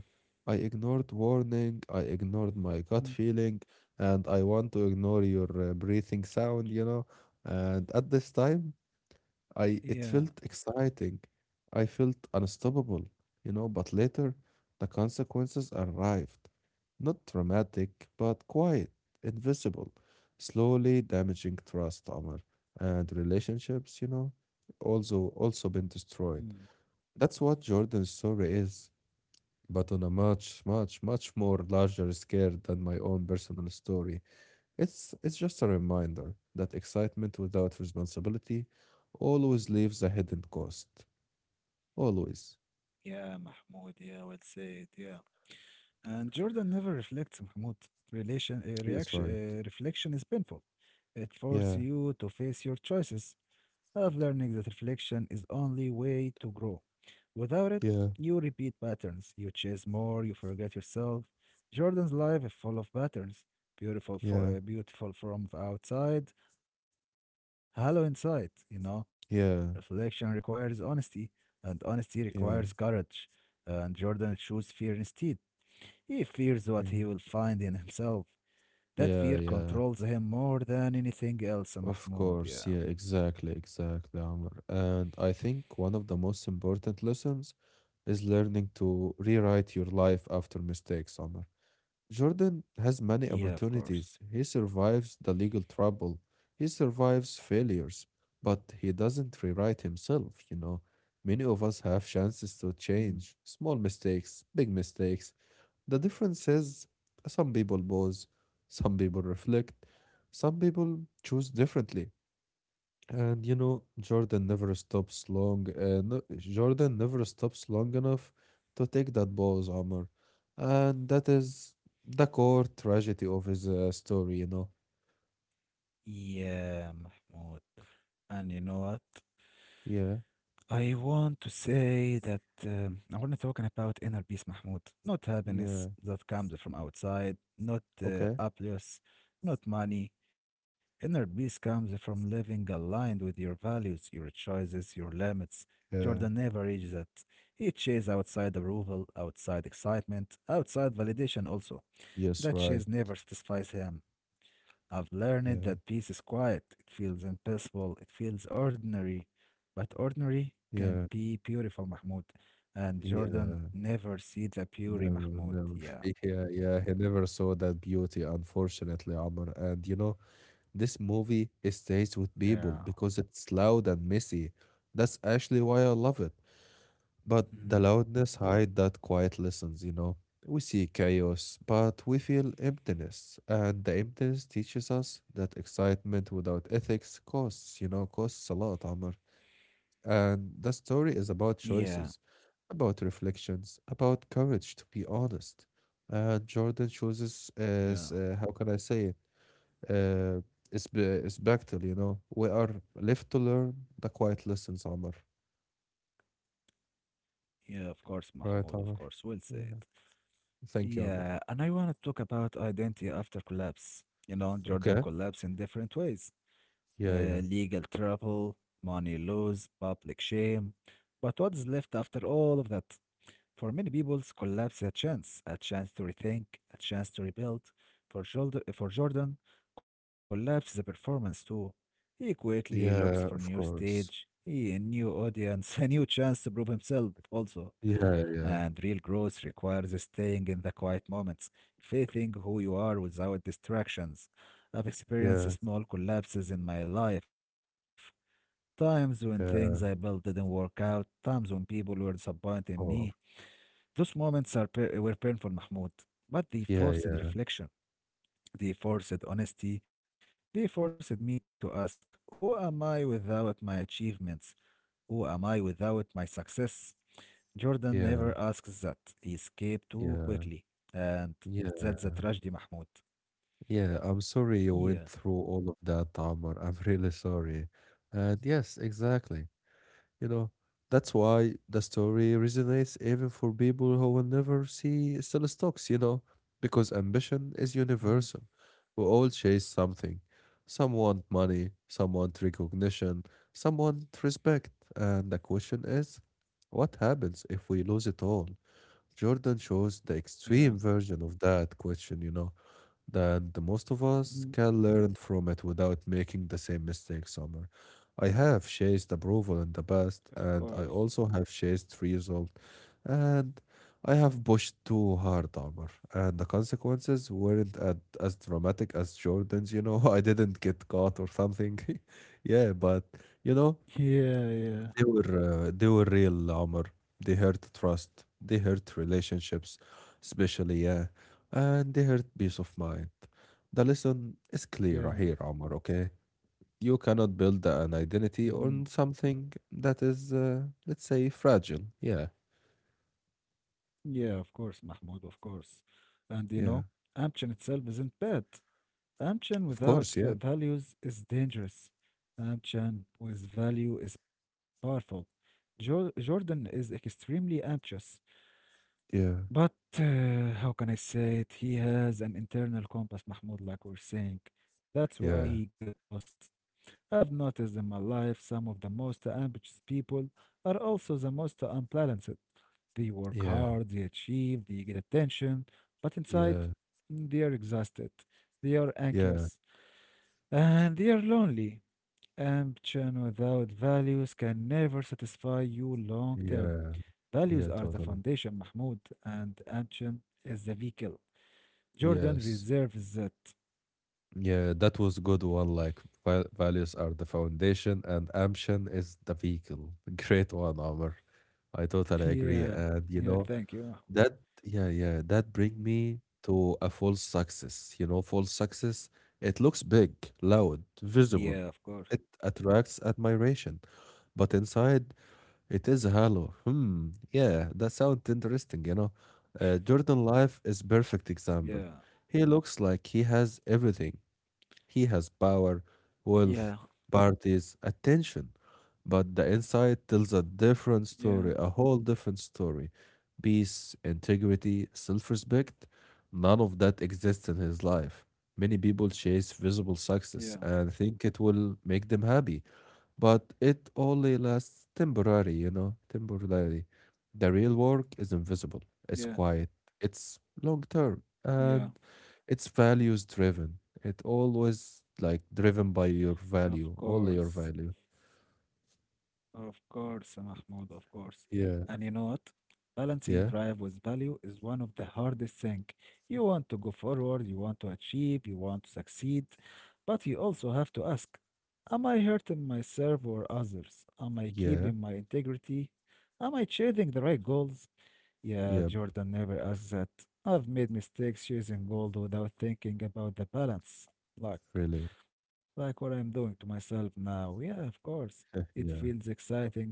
[SPEAKER 2] I ignored warning. I
[SPEAKER 1] Mhm.
[SPEAKER 2] ignored my gut feeling. And I want to ignore your breathing sound, you know. And at this time,
[SPEAKER 1] Yeah.
[SPEAKER 2] I it felt exciting. I felt unstoppable, you know, but later the consequences arrived. Not dramatic, but quiet, invisible, slowly damaging trust, Omar, and relationships, you know, also been destroyed.
[SPEAKER 1] Mm.
[SPEAKER 2] That's what Jordan's story is, but on a much, much, much more larger scale than my own personal story. It's just a reminder that excitement without responsibility always leaves a hidden cost. Always.
[SPEAKER 1] Yeah, Mahmoud. Yeah, well said. Yeah. And Jordan never reflects, Mahmoud.
[SPEAKER 2] Yes, right.
[SPEAKER 1] Reflection is painful. It forces
[SPEAKER 2] Yeah,
[SPEAKER 1] you to face your choices. I've learned that reflection is only way to grow. Without it,
[SPEAKER 2] yeah,
[SPEAKER 1] you repeat patterns. You chase more, you forget yourself. Jordan's life is full of patterns.
[SPEAKER 2] yeah,
[SPEAKER 1] Beautiful from the outside, hollow inside, you know. Reflection requires
[SPEAKER 2] yeah,
[SPEAKER 1] honesty, and honesty requires courage.
[SPEAKER 2] yeah,
[SPEAKER 1] And Jordan chose fear instead. He fears what he will find
[SPEAKER 2] yeah,
[SPEAKER 1] in himself. That fear
[SPEAKER 2] yeah,
[SPEAKER 1] controls him
[SPEAKER 2] yeah.
[SPEAKER 1] more than anything else, Mahmoud. Yeah.
[SPEAKER 2] Of course, yeah, exactly, exactly, Amr. And I think one of the most important lessons is learning to rewrite your life after mistakes, Amr. Jordan has many
[SPEAKER 1] Yeah, of course.
[SPEAKER 2] opportunities. He survives the legal trouble. He survives failures, but he doesn't rewrite himself, you know. Many of us have chances to
[SPEAKER 1] Mm.
[SPEAKER 2] change. Small mistakes, big mistakes. The difference is some people pause, some people reflect, some people choose differently. And you know, Jordan never stops long enough to take that ball's armor, and that is the core tragedy of his story. You know.
[SPEAKER 1] Yeah, Mahmoud. And you know what?
[SPEAKER 2] Yeah.
[SPEAKER 1] I want to talk about inner peace, Mahmoud. Not
[SPEAKER 2] Yeah.
[SPEAKER 1] happiness that comes from outside, not
[SPEAKER 2] Okay.
[SPEAKER 1] applause, not money. Inner peace comes from living aligned with your values, your choices, your limits. Jordan never
[SPEAKER 2] Yeah.
[SPEAKER 1] reaches that. He chases outside approval, outside excitement, outside validation also.
[SPEAKER 2] Yes.
[SPEAKER 1] That
[SPEAKER 2] Right.
[SPEAKER 1] chase never satisfies him. I've learned
[SPEAKER 2] Yeah.
[SPEAKER 1] that peace is quiet. It feels impossible. It feels ordinary. But ordinary can be
[SPEAKER 2] Yeah.
[SPEAKER 1] beautiful, Mahmoud. And Jordan
[SPEAKER 2] Yeah.
[SPEAKER 1] never see the beauty,
[SPEAKER 2] No.
[SPEAKER 1] Mahmoud.
[SPEAKER 2] No.
[SPEAKER 1] Yeah,
[SPEAKER 2] *laughs* Yeah. Yeah. He never saw that beauty, unfortunately, Amr. And you know, this movie
[SPEAKER 1] yeah.
[SPEAKER 2] it stays with people because it's loud and messy. That's actually why I love it.
[SPEAKER 1] Mm.
[SPEAKER 2] But the loudness hide that quiet listens, you know. We see chaos, but we feel emptiness, and the emptiness teaches us that excitement without ethics costs, you know, costs a lot, Amr. And the story
[SPEAKER 1] Yeah,
[SPEAKER 2] is about choices, about reflections, about courage to be honest. And Jordan chooses
[SPEAKER 1] yeah,
[SPEAKER 2] as how can I say it? Uh, it's, be it's Bechtel, you know. We are left to learn the quiet lessons, Amr.
[SPEAKER 1] yeah, of course, Mahmoud, of
[SPEAKER 2] Right,
[SPEAKER 1] course.
[SPEAKER 2] Amr.
[SPEAKER 1] Well said.
[SPEAKER 2] Yeah. Thank you,
[SPEAKER 1] Yeah,
[SPEAKER 2] Amr.
[SPEAKER 1] and I want to talk about identity after collapse. You know, Jordan
[SPEAKER 2] Okay.
[SPEAKER 1] collapsed in different ways.
[SPEAKER 2] Yeah, yeah.
[SPEAKER 1] Legal trouble, money loss, public shame. But what is left after all of that? For many people, collapse is a chance to rethink, a chance to rebuild. For Jordan, collapse is a performance too. He quickly looks for new
[SPEAKER 2] Yeah, of
[SPEAKER 1] stage, he
[SPEAKER 2] course.
[SPEAKER 1] a new audience, *laughs* a new chance to prove himself also.
[SPEAKER 2] Yeah,
[SPEAKER 1] And
[SPEAKER 2] yeah,
[SPEAKER 1] real growth requires staying in the quiet moments, facing who you are without distractions. I've
[SPEAKER 2] yeah,
[SPEAKER 1] experienced small collapses in my life, times when things I built didn't
[SPEAKER 2] yeah.
[SPEAKER 1] work out, times when people were disappointed in me.
[SPEAKER 2] Oh,
[SPEAKER 1] Those moments were painful, Mahmoud, but they forced
[SPEAKER 2] yeah, yeah,
[SPEAKER 1] reflection, they forced honesty, they forced me to ask, who am I without my achievements? Who am I without my success? Jordan never asks that.
[SPEAKER 2] yeah,
[SPEAKER 1] He escaped too quickly.
[SPEAKER 2] yeah,
[SPEAKER 1] And that's a
[SPEAKER 2] yeah,
[SPEAKER 1] tragedy, Mahmoud.
[SPEAKER 2] yeah. I'm sorry you
[SPEAKER 1] Yeah.
[SPEAKER 2] went through all of that, Amr. I'm really sorry. And yes, exactly. You know, that's why the story resonates even for people who will never see still stocks, you know, because ambition is
[SPEAKER 1] Mhm.
[SPEAKER 2] universal. We all chase something. Some want money, some want recognition, some want respect. And the question is, what happens if we lose it all? Jordan shows the
[SPEAKER 1] Yeah.
[SPEAKER 2] extreme version of that question, you know that the most of us
[SPEAKER 1] Mhm.
[SPEAKER 2] can learn from it without making the same mistake somewhere. I have chased
[SPEAKER 1] Of
[SPEAKER 2] approval in the
[SPEAKER 1] course.
[SPEAKER 2] past, and I also have chased result, and I have pushed too hard, Omar, and the consequences weren't at, as dramatic as Jordan's. You know, *laughs* I didn't get caught or something. *laughs* yeah, but you know,
[SPEAKER 1] Yeah, yeah,
[SPEAKER 2] they were real, Omar. They hurt trust. They hurt relationships, especially yeah, and they hurt peace of mind. The lesson is clear
[SPEAKER 1] yeah.
[SPEAKER 2] here, Omar. Okay, you cannot build an
[SPEAKER 1] Mhm.
[SPEAKER 2] identity on something that is, let's say, fragile. Yeah,
[SPEAKER 1] Yeah, of course, Mahmoud, of course. And you know,
[SPEAKER 2] yeah.
[SPEAKER 1] ambition itself isn't bad. Ambition
[SPEAKER 2] Of
[SPEAKER 1] without
[SPEAKER 2] course, yeah,
[SPEAKER 1] v- values is dangerous. Ambition with value is powerful. Jordan is extremely ambitious, but
[SPEAKER 2] yeah,
[SPEAKER 1] how can I say it? He has an internal compass, Mahmoud, like we're saying. That's why
[SPEAKER 2] yeah,
[SPEAKER 1] he got lost. I've noticed in my life some of the most ambitious people are also the most unbalanced. They work
[SPEAKER 2] yeah,
[SPEAKER 1] hard, they achieve, they get attention, but inside,
[SPEAKER 2] yeah,
[SPEAKER 1] mm, they are exhausted. They are
[SPEAKER 2] yeah,
[SPEAKER 1] anxious and they are lonely. Ambition without values can never satisfy you long term.
[SPEAKER 2] yeah,
[SPEAKER 1] Values are the
[SPEAKER 2] yeah. Totally.
[SPEAKER 1] foundation, Mahmoud, and ambition is the vehicle. Jordan
[SPEAKER 2] Yes.
[SPEAKER 1] reserves that. *laughs*
[SPEAKER 2] Yeah, that was good one. Like values are the foundation and ambition is the vehicle. *laughs* Great one, Amr. I
[SPEAKER 1] Yeah,
[SPEAKER 2] totally agree.
[SPEAKER 1] yeah,
[SPEAKER 2] And
[SPEAKER 1] thank
[SPEAKER 2] you
[SPEAKER 1] you, Mahmoud.
[SPEAKER 2] know, that yeah, yeah, that
[SPEAKER 1] Mm.
[SPEAKER 2] bring me to a false success. You know, false success, it looks big, loud,
[SPEAKER 1] Yeah, of course.
[SPEAKER 2] visible. It attracts admiration, but inside it is hollow. Hmm, yeah, that sounds interesting, you know. Jordan Life is perfect
[SPEAKER 1] Yeah,
[SPEAKER 2] example. He looks like he has everything he has power,
[SPEAKER 1] yeah,
[SPEAKER 2] wealth, parties, attention. But the inside tells a
[SPEAKER 1] yeah,
[SPEAKER 2] different story, a whole different story. Peace, integrity, self respect, none of that exists in his life. Many people chase visible
[SPEAKER 1] yeah,
[SPEAKER 2] success and think it will make them happy, but it only lasts temporary, you know, temporarily. The real
[SPEAKER 1] yeah,
[SPEAKER 2] work is invisible. It's quiet. It's long
[SPEAKER 1] yeah,
[SPEAKER 2] term and it's values driven. It always like driven
[SPEAKER 1] of
[SPEAKER 2] by your value,
[SPEAKER 1] course.
[SPEAKER 2] only your value.
[SPEAKER 1] Of course, Mahmoud, of course. And you know what?
[SPEAKER 2] Yeah,
[SPEAKER 1] Balancing drive with
[SPEAKER 2] yeah,
[SPEAKER 1] value is one of the hardest thing. You want to go forward, you want to achieve, you want to succeed, but you also have to ask, am I hurting myself or others? Am I keeping my
[SPEAKER 2] yeah,
[SPEAKER 1] integrity? Am I chasing the right goals? Yeah,
[SPEAKER 2] yeah,
[SPEAKER 1] Jordan never asks that. I've made mistakes chasing gold without thinking about the balance. Luck
[SPEAKER 2] really.
[SPEAKER 1] like what I'm doing to myself now. Yeah, of course. It feels
[SPEAKER 2] *laughs* yeah,
[SPEAKER 1] exciting at first,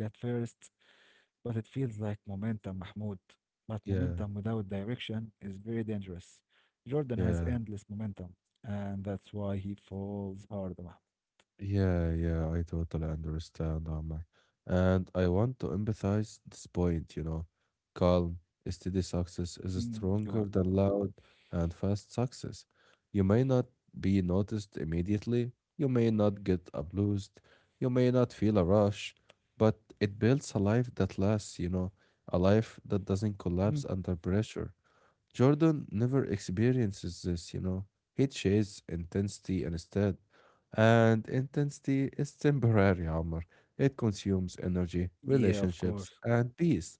[SPEAKER 1] but it feels like momentum, Mahmoud. But momentum without
[SPEAKER 2] yeah,
[SPEAKER 1] direction is very dangerous. Jordan has
[SPEAKER 2] yeah.
[SPEAKER 1] endless momentum, and that's why he falls hard, Mahmoud.
[SPEAKER 2] Yeah, yeah, I totally understand, Ahmed. And I want to emphasize this point, you know. Calm, steady success
[SPEAKER 1] *laughs*
[SPEAKER 2] is
[SPEAKER 1] Mhm. Go
[SPEAKER 2] stronger
[SPEAKER 1] on.
[SPEAKER 2] than loud and fast success. You may not be noticed immediately, you may not get abused, you may not feel a rush, but it builds a life that lasts, you know, a life that doesn't collapse
[SPEAKER 1] Mhm.
[SPEAKER 2] under pressure. Jordan never experiences this, you know. He chases intensity instead. And intensity is temporary, Amr. It consumes energy,
[SPEAKER 1] Yeah, of course.
[SPEAKER 2] relationships, and peace.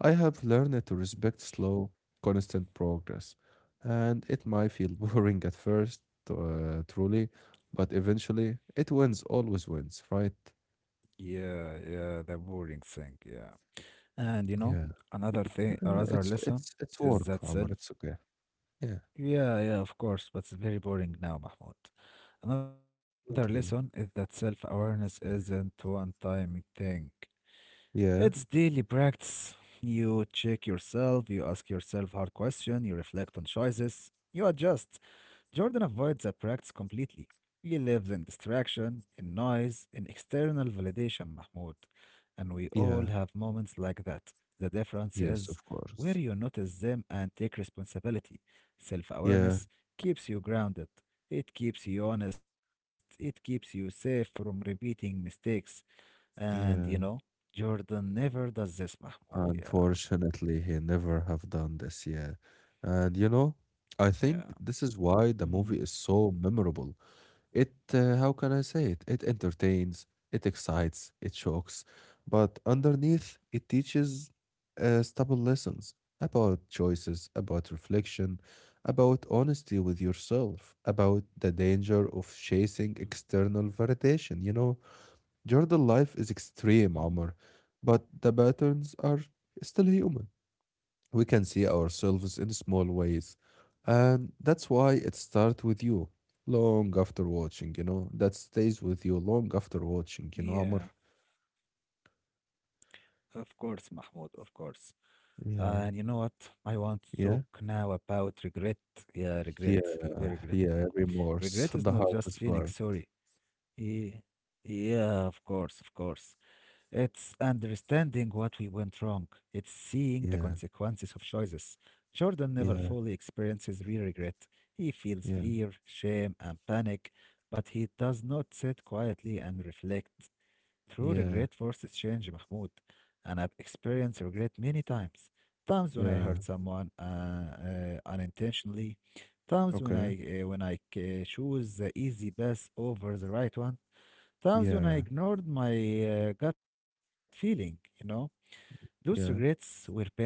[SPEAKER 2] I have learned to
[SPEAKER 1] Mhm.
[SPEAKER 2] respect slow, constant progress. And it might feel *laughs* boring at first, truly, but eventually it wins, always wins, right?
[SPEAKER 1] Yeah, yeah, the boring thing, yeah. And you know,
[SPEAKER 2] Yeah.
[SPEAKER 1] another thing,
[SPEAKER 2] Uh,
[SPEAKER 1] another
[SPEAKER 2] it's
[SPEAKER 1] lesson
[SPEAKER 2] it's it's
[SPEAKER 1] is
[SPEAKER 2] work,
[SPEAKER 1] that
[SPEAKER 2] Amr.
[SPEAKER 1] self.
[SPEAKER 2] It's okay. Yeah,
[SPEAKER 1] Yeah, yeah, of course, but it's very boring now, Mahmoud. Another lesson is
[SPEAKER 2] not
[SPEAKER 1] that
[SPEAKER 2] really.
[SPEAKER 1] self awareness isn't one time thing, it's daily
[SPEAKER 2] Yeah,
[SPEAKER 1] practice. You check yourself, you ask yourself hard questions, you reflect on choices, you adjust. Jordan avoids the practice completely. He lives in distraction, in noise, in external validation, Mahmoud. And we all have
[SPEAKER 2] yeah,
[SPEAKER 1] moments like that. The difference is
[SPEAKER 2] yes, of
[SPEAKER 1] where you
[SPEAKER 2] course.
[SPEAKER 1] notice them and take responsibility. Self
[SPEAKER 2] Yeah,
[SPEAKER 1] awareness keeps you grounded, it keeps you honest, it keeps you safe from repeating mistakes. And you know,
[SPEAKER 2] yeah.
[SPEAKER 1] Jordan never does this, Mahmoud. Yeah,
[SPEAKER 2] Unfortunately, he never have done this. Yeah, and you know, I
[SPEAKER 1] yeah.
[SPEAKER 2] think this is why the
[SPEAKER 1] Mm,
[SPEAKER 2] movie is so memorable. It, how can I say it? It entertains, it excites, it shocks, but underneath, it teaches stable lessons about choices, about reflection, about honesty with yourself, about the danger of
[SPEAKER 1] mm,
[SPEAKER 2] chasing external validation. You know, Jordan life is
[SPEAKER 1] mm.
[SPEAKER 2] extreme, Omar, but the patterns are still human. We can see ourselves in small ways, and that's why it starts with you long after watching, that stays with you long after
[SPEAKER 1] Yeah,
[SPEAKER 2] watching, Omar.
[SPEAKER 1] of course, Mahmoud, of course. And you know what?
[SPEAKER 2] Yeah,
[SPEAKER 1] I want to talk now
[SPEAKER 2] yeah,
[SPEAKER 1] about regret. Yeah, regret.
[SPEAKER 2] yeah,
[SPEAKER 1] Very regret now.
[SPEAKER 2] yeah,
[SPEAKER 1] Regret is not
[SPEAKER 2] remorse, *laughs* the
[SPEAKER 1] just feeling
[SPEAKER 2] hardest part.
[SPEAKER 1] sorry. Yeah, yeah, of course, of course. It's understanding what we went wrong. It's seeing the
[SPEAKER 2] Yeah,
[SPEAKER 1] consequences of choices. Jordan never fully
[SPEAKER 2] yeah,
[SPEAKER 1] experiences real regret. He feels
[SPEAKER 2] yeah,
[SPEAKER 1] fear, shame, and panic, but he does not sit quietly and reflect. True regret
[SPEAKER 2] yeah,
[SPEAKER 1] forces change, Mahmoud, and I've experienced regret many times. Times when I
[SPEAKER 2] yeah,
[SPEAKER 1] hurt someone unintentionally, times when I
[SPEAKER 2] okay,
[SPEAKER 1] uh, when I choose the easy path over the right one, times when I
[SPEAKER 2] yeah,
[SPEAKER 1] ignored my gut feeling. You know, those regrets were
[SPEAKER 2] yeah,
[SPEAKER 1] painful,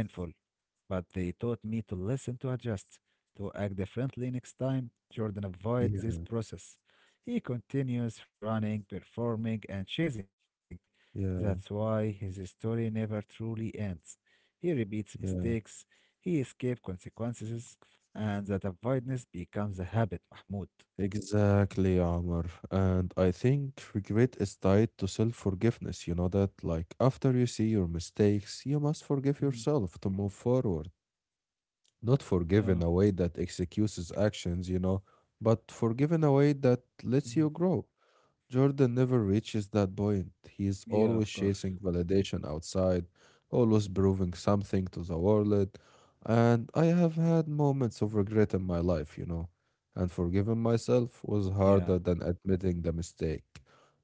[SPEAKER 1] but they taught me to listen to adjust, to act differently next time. Jordan avoids this
[SPEAKER 2] yeah,
[SPEAKER 1] process. He continues running, performing, and chasing. That's why his
[SPEAKER 2] yeah,
[SPEAKER 1] story never truly ends. He repeats mistakes,
[SPEAKER 2] yeah.
[SPEAKER 1] he escapes consequences, and that avoidance becomes a habit, Mahmoud.
[SPEAKER 2] Exactly, Amr, and I think regret is tied to self-forgiveness. You know that, like, after you see your mistakes, you
[SPEAKER 1] Mm,
[SPEAKER 2] must forgive yourself to move forward. Not
[SPEAKER 1] uh,
[SPEAKER 2] forgive in a way that excuses actions, you know, but forgive in a way that
[SPEAKER 1] mm,
[SPEAKER 2] lets you grow. Jordan never reaches that
[SPEAKER 1] yeah, of
[SPEAKER 2] point. He
[SPEAKER 1] course.
[SPEAKER 2] is always chasing validation outside, always proving something to the world. And I have had moments of regret in my life, you know. And forgiving myself was
[SPEAKER 1] Yeah,
[SPEAKER 2] harder than admitting the mistake.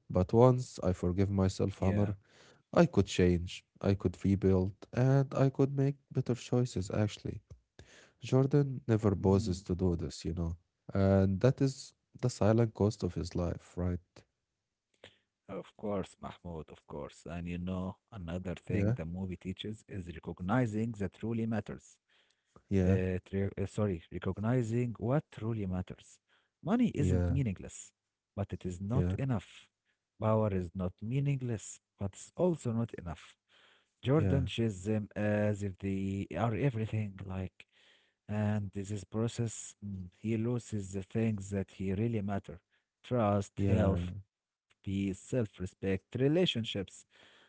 [SPEAKER 2] But once I forgive
[SPEAKER 1] yeah.
[SPEAKER 2] myself, Amr, I could change, I could rebuild, and I could make better choices actually. Jordan never pauses to do this, you know. And that is the silent cost of his life, right?
[SPEAKER 1] Of course, Mahmoud, of course. And you know, another thing the
[SPEAKER 2] Yeah.
[SPEAKER 1] movie teaches is recognizing that truly matters.
[SPEAKER 2] Yeah,
[SPEAKER 1] Sorry, recognizing what truly matters. Money isn't
[SPEAKER 2] yeah,
[SPEAKER 1] meaningless, but it is not
[SPEAKER 2] yeah,
[SPEAKER 1] enough. Power is not meaningless, but it's also not enough. Jordan
[SPEAKER 2] yeah,
[SPEAKER 1] sees them as if they are everything, like, and this process, mm, he loses the things that he really matter: trust,
[SPEAKER 2] yeah,
[SPEAKER 1] health, peace, self respect, relationships.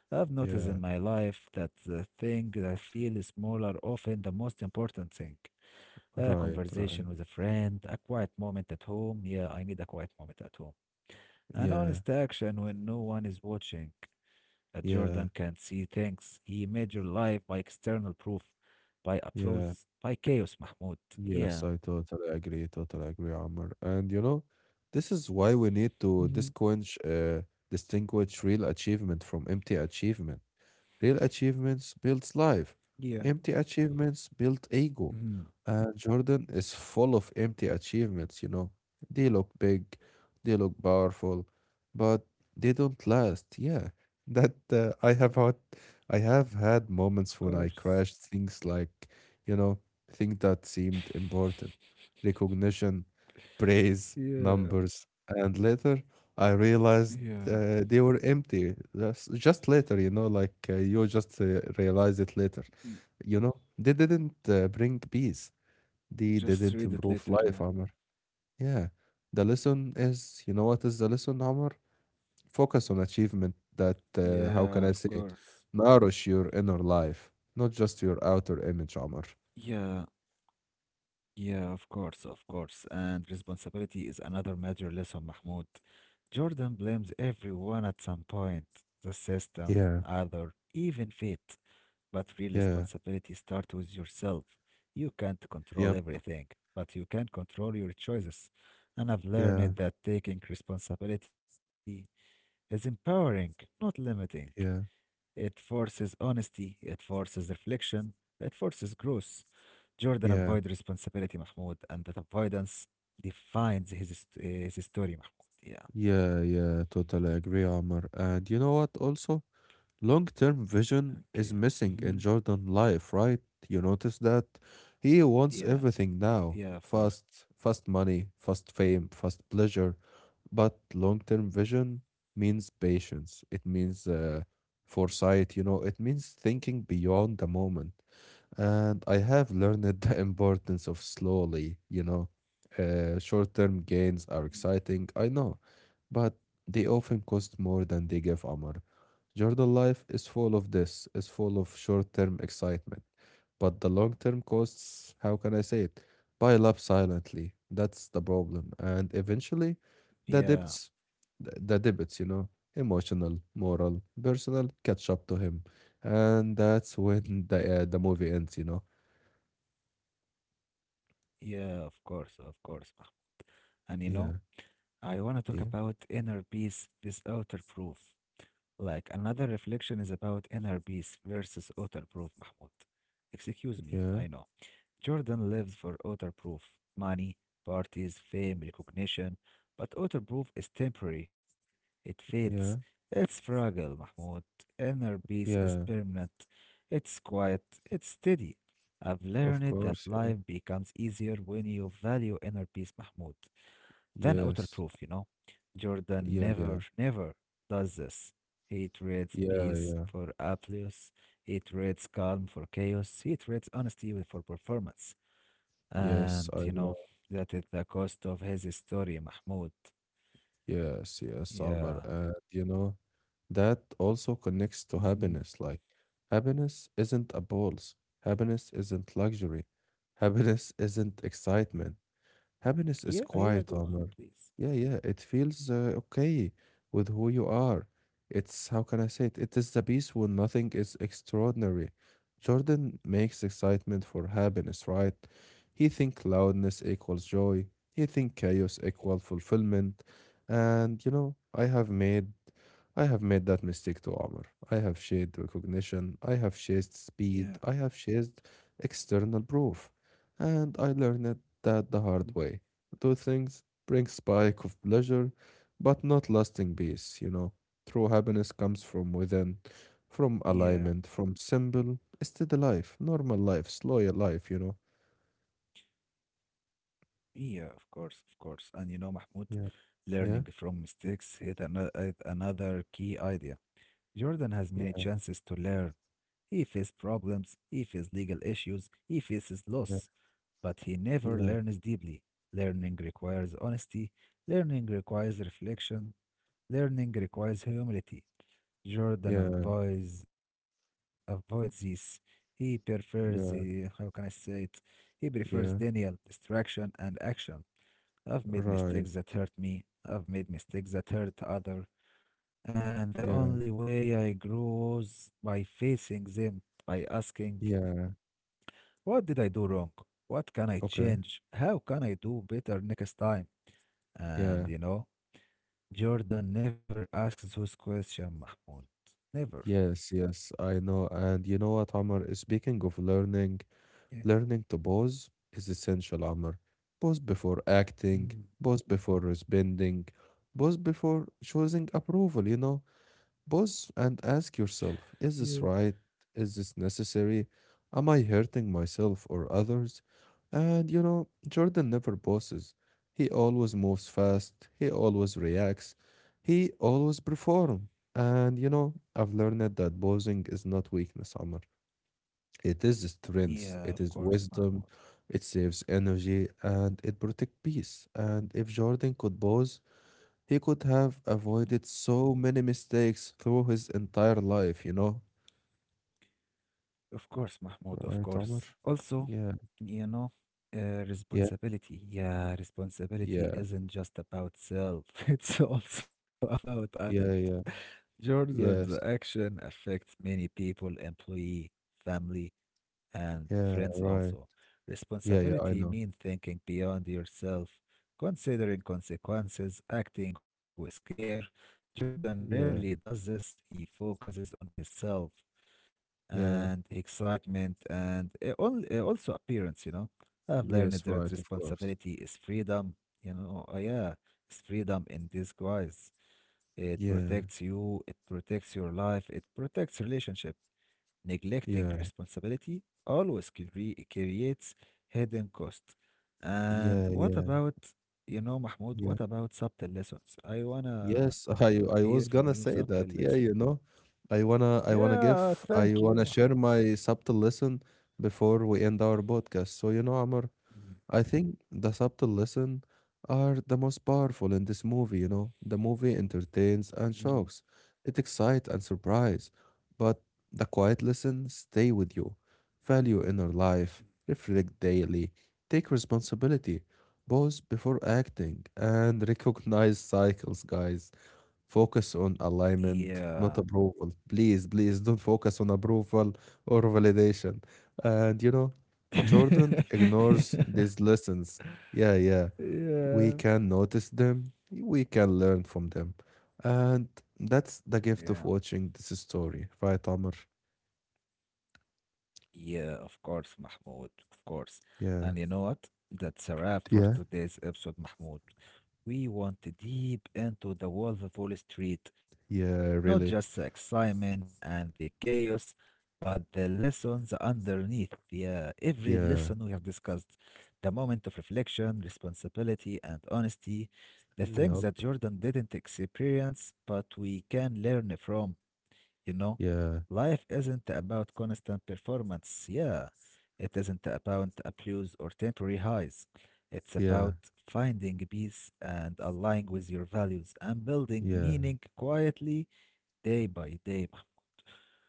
[SPEAKER 1] I've noticed in
[SPEAKER 2] yeah.
[SPEAKER 1] my life that the thing that feels small are often the most important thing. A
[SPEAKER 2] Right,
[SPEAKER 1] conversation
[SPEAKER 2] right.
[SPEAKER 1] with a friend, a quiet moment at home. Yeah, I need a quiet moment at home. An
[SPEAKER 2] Yeah,
[SPEAKER 1] honest action when no one is watching. A
[SPEAKER 2] yeah,
[SPEAKER 1] Jordan can see things. He measured life by external proof, by
[SPEAKER 2] yeah.
[SPEAKER 1] applause, by chaos, Mahmoud.
[SPEAKER 2] Yes, I
[SPEAKER 1] Yeah.
[SPEAKER 2] totally agree. Totally agree, Amr. And you know, this is why we need to distinguish,
[SPEAKER 1] Hmm.
[SPEAKER 2] uh, distinguish real achievement from empty achievement. Real achievements builds life.
[SPEAKER 1] Yeah.
[SPEAKER 2] Empty achievements build ego.
[SPEAKER 1] Hmm.
[SPEAKER 2] And Jordan is full of empty achievements, you know. They look big, they look powerful, but they don't last. Yeah. That I have
[SPEAKER 1] Of
[SPEAKER 2] had moments
[SPEAKER 1] course.
[SPEAKER 2] when I crashed things like, you know, things that seemed important. Recognition, praise,
[SPEAKER 1] Yeah.
[SPEAKER 2] numbers, and later I realized
[SPEAKER 1] Yeah.
[SPEAKER 2] they were empty. That's just later, you know, like you just realize it
[SPEAKER 1] Mm.
[SPEAKER 2] later. You know, they didn't bring peace. They
[SPEAKER 1] Just
[SPEAKER 2] didn't
[SPEAKER 1] read it
[SPEAKER 2] improve
[SPEAKER 1] later. Yeah.
[SPEAKER 2] life, Amr. Yeah. The lesson is, you know what is the lesson, Amr? Focus on achievement that,
[SPEAKER 1] Yeah, of
[SPEAKER 2] how can I
[SPEAKER 1] course.
[SPEAKER 2] say it? Nourish your inner life, not just your outer image, Amr.
[SPEAKER 1] Yeah, yeah, of course, of course. And responsibility is another major lesson, Mahmoud. Jordan blames everyone at some point, the system,
[SPEAKER 2] Yeah,
[SPEAKER 1] other, even fate. But real
[SPEAKER 2] yeah,
[SPEAKER 1] responsibility starts with yourself. You can't control
[SPEAKER 2] yep,
[SPEAKER 1] everything, but you can control your choices. And I've
[SPEAKER 2] yeah,
[SPEAKER 1] learned that taking responsibility is empowering, not limiting. It
[SPEAKER 2] yeah,
[SPEAKER 1] forces honesty, it forces reflection, it forces growth. Jordan avoided
[SPEAKER 2] yeah,
[SPEAKER 1] responsibility, Mahmoud, and that avoidance defines his his story, Mahmoud. Yeah,
[SPEAKER 2] yeah, yeah, totally agree, Amr. And you know what also? Long-term
[SPEAKER 1] yeah.
[SPEAKER 2] vision
[SPEAKER 1] Hmm.
[SPEAKER 2] is missing in Jordan life, right? You notice that he
[SPEAKER 1] Yeah,
[SPEAKER 2] wants everything
[SPEAKER 1] yeah.
[SPEAKER 2] now.
[SPEAKER 1] Of course,
[SPEAKER 2] Fast, fast money, fast fame, fast pleasure. But long-term vision means patience. It means foresight, you know, it means thinking beyond the moment. And I have learned *laughs* the importance of slowly, you know. Short-term gains are exciting, I know, but they often cost more than they give Amr. Jordan life is full of this, is full of short-term excitement. But the long-term costs, how can I say it? Pile up silently. That's the problem. And eventually,
[SPEAKER 1] yeah,
[SPEAKER 2] the debts, the debits, you know, emotional, moral, personal, catch up to him. And that's when the movie ends, you know.
[SPEAKER 1] yeah. Of course, Mahmoud. And you know,
[SPEAKER 2] Yeah,
[SPEAKER 1] I want to
[SPEAKER 2] yeah,
[SPEAKER 1] talk about inner peace versus outer proof. Like another reflection is about inner peace versus outer proof, Mahmoud. Excuse me, I
[SPEAKER 2] yeah,
[SPEAKER 1] know. Jordan lives for Otterproof, money, parties, fame, recognition. But Otterproof is temporary. It fades.
[SPEAKER 2] yeah,
[SPEAKER 1] It's fragile, Mahmoud. Inner peace is permanent.
[SPEAKER 2] yeah.
[SPEAKER 1] It's quiet. It's steady. I've learned that
[SPEAKER 2] Of
[SPEAKER 1] life
[SPEAKER 2] course, yeah.
[SPEAKER 1] becomes easier when you value inner peace, Mahmoud, than
[SPEAKER 2] Yes.
[SPEAKER 1] Otterproof, you know. Jordan
[SPEAKER 2] Yeah, yeah.
[SPEAKER 1] never, never does this. He trades
[SPEAKER 2] Yeah,
[SPEAKER 1] peace
[SPEAKER 2] yeah.
[SPEAKER 1] for applause. He trades calm for chaos. He trades honesty for performance.
[SPEAKER 2] Yes,
[SPEAKER 1] And
[SPEAKER 2] I
[SPEAKER 1] you
[SPEAKER 2] know.
[SPEAKER 1] know, that is the cost of his story, Mahmoud.
[SPEAKER 2] Yes, yes, Summer.
[SPEAKER 1] Yeah.
[SPEAKER 2] And you know, that also connects to
[SPEAKER 1] Hmm.
[SPEAKER 2] happiness. Like happiness isn't a balls. Happiness isn't luxury. Happiness isn't excitement. Happiness is
[SPEAKER 1] Yeah,
[SPEAKER 2] quiet,
[SPEAKER 1] yeah,
[SPEAKER 2] Omar.
[SPEAKER 1] go on,
[SPEAKER 2] Yeah,
[SPEAKER 1] please.
[SPEAKER 2] yeah, it feels okay with who you are. It's, how can I say it? It is the peace when nothing is extraordinary. Jordan makes excitement for happiness, right? He think loudness equals joy. He think chaos equal fulfillment. And you know, I have made that mistake to Omar. I have chased recognition. I have chased
[SPEAKER 1] Yeah.
[SPEAKER 2] speed. I have chased external proof and I learned that the hard
[SPEAKER 1] Mhm.
[SPEAKER 2] way. Those things bring spike of pleasure, but not lasting peace, you know. True happiness comes from within, from
[SPEAKER 1] Yeah.
[SPEAKER 2] alignment, from simple, steady life, normal life, slow life, you know.
[SPEAKER 1] Yeah, of course, of course. And you know, Mahmoud,
[SPEAKER 2] Yeah, yeah,
[SPEAKER 1] learning from mistakes is is another key idea. Jordan has many
[SPEAKER 2] yeah,
[SPEAKER 1] chances to learn. He faces problems, he faces legal issues, he faces
[SPEAKER 2] yeah,
[SPEAKER 1] loss, but he never
[SPEAKER 2] yeah,
[SPEAKER 1] learns deeply. Learning requires honesty, learning requires reflection, learning requires humility. Jordan
[SPEAKER 2] yeah,
[SPEAKER 1] avoids this. He prefers the, how can I
[SPEAKER 2] yeah,
[SPEAKER 1] say it? He prefers Daniel,
[SPEAKER 2] yeah,
[SPEAKER 1] distraction and action. I've made mistakes that hurt
[SPEAKER 2] right,
[SPEAKER 1] me. I've made mistakes that hurt other. And the only
[SPEAKER 2] yeah,
[SPEAKER 1] way I grew was by facing them, by asking,
[SPEAKER 2] yeah,
[SPEAKER 1] what did I do wrong? What can I
[SPEAKER 2] okay,
[SPEAKER 1] change? How can I do better next time?
[SPEAKER 2] yeah,
[SPEAKER 1] And you know, Jordan never asks those questions, Mahmoud. Never.
[SPEAKER 2] yes, yes, I know. And you know what, Omar, speaking of learning,
[SPEAKER 1] Yeah.
[SPEAKER 2] learning to pause is essential, Amr. Pause before acting,
[SPEAKER 1] Mm.
[SPEAKER 2] pause before responding, pause before choosing approval, you know. Pause and ask yourself, is
[SPEAKER 1] Yeah.
[SPEAKER 2] this right? Is this necessary? Am I hurting myself or others? And you know, Jordan never pauses. He always moves fast, he always reacts, he always performs. And you know, I've learned that pausing is not weakness, Amr. It is strength, it
[SPEAKER 1] Yeah, of
[SPEAKER 2] is
[SPEAKER 1] course,
[SPEAKER 2] wisdom,
[SPEAKER 1] Mahmoud.
[SPEAKER 2] it saves energy, and it protects peace. And if Jordan could pause, he could have avoided so many mistakes through his entire life, you know?
[SPEAKER 1] Of course, Mahmoud, of
[SPEAKER 2] Right,
[SPEAKER 1] course.
[SPEAKER 2] Omar?
[SPEAKER 1] Also,
[SPEAKER 2] Yeah,
[SPEAKER 1] you know,
[SPEAKER 2] yeah,
[SPEAKER 1] responsibility. Yeah, responsibility
[SPEAKER 2] yeah,
[SPEAKER 1] isn't just about self, *laughs* it's also about others.
[SPEAKER 2] yeah, yeah,
[SPEAKER 1] Jordan's
[SPEAKER 2] yes,
[SPEAKER 1] action affects many people, employee, family, and friends
[SPEAKER 2] yeah,
[SPEAKER 1] also.
[SPEAKER 2] right. Yeah, yeah,
[SPEAKER 1] Responsibility
[SPEAKER 2] I know.
[SPEAKER 1] means thinking beyond yourself, considering consequences, acting with care. Jordan rarely
[SPEAKER 2] Yeah,
[SPEAKER 1] does this. He focuses on himself and
[SPEAKER 2] yeah,
[SPEAKER 1] excitement and also appearance, you know. I've learned that
[SPEAKER 2] yes, right, of
[SPEAKER 1] responsibility
[SPEAKER 2] course.
[SPEAKER 1] is freedom, you know. Yeah, it's freedom in disguise. It
[SPEAKER 2] Yeah,
[SPEAKER 1] protects you, it protects your life, it protects relationship. Neglecting
[SPEAKER 2] yeah,
[SPEAKER 1] responsibility always creates hidden cost. And
[SPEAKER 2] yeah,
[SPEAKER 1] what
[SPEAKER 2] yeah,
[SPEAKER 1] about, you know, Mahmoud,
[SPEAKER 2] yeah.
[SPEAKER 1] what about subtle lessons? I wanna
[SPEAKER 2] Yes, *laughs* I
[SPEAKER 1] hear
[SPEAKER 2] I
[SPEAKER 1] from you
[SPEAKER 2] was gonna
[SPEAKER 1] subtle
[SPEAKER 2] say
[SPEAKER 1] lessons.
[SPEAKER 2] that. Yeah, you know,
[SPEAKER 1] Yeah, thank you,
[SPEAKER 2] I
[SPEAKER 1] Mahmoud.
[SPEAKER 2] wanna share my subtle lesson before we end our podcast. So you know, Amar, I think the subtle lesson are the most powerful in this movie. You know, the movie entertains and
[SPEAKER 1] Mm.
[SPEAKER 2] shocks, it excites and surprise, but the quiet lesson stay with you, value inner life, reflect daily, take responsibility, pause before acting, and *laughs* recognize cycles, guys. Focus on
[SPEAKER 1] *clears throat*
[SPEAKER 2] alignment,
[SPEAKER 1] Yeah.
[SPEAKER 2] not approval. Please, please don't focus on approval or validation. And you know, Jordan ignores
[SPEAKER 1] *laughs*
[SPEAKER 2] these lessons. Yeah, yeah. We can
[SPEAKER 1] Yeah.
[SPEAKER 2] notice them, we can learn from them. And that's the
[SPEAKER 1] Yeah.
[SPEAKER 2] gift of watching this story, right, Amr?
[SPEAKER 1] Yeah, of course, Mahmoud. Of course. And you
[SPEAKER 2] Yeah,
[SPEAKER 1] know what? That's a wrap for
[SPEAKER 2] yeah.
[SPEAKER 1] today's episode, Mahmoud. We want deep into The Wolf of Wall Street, not just
[SPEAKER 2] Yeah,
[SPEAKER 1] the
[SPEAKER 2] really.
[SPEAKER 1] excitement and the chaos, but the lessons underneath. Yeah, every lesson we have discussed,
[SPEAKER 2] Yeah,
[SPEAKER 1] the moment of reflection, responsibility, and honesty, the things that
[SPEAKER 2] yup.
[SPEAKER 1] Jordan didn't experience, but we can learn from. You know, life
[SPEAKER 2] Yeah,
[SPEAKER 1] isn't about constant performance. Yeah, it isn't about applause or temporary highs. It's about
[SPEAKER 2] yeah,
[SPEAKER 1] finding peace and aligning with your values and building
[SPEAKER 2] yeah.
[SPEAKER 1] meaning quietly day by day. Mahmoud.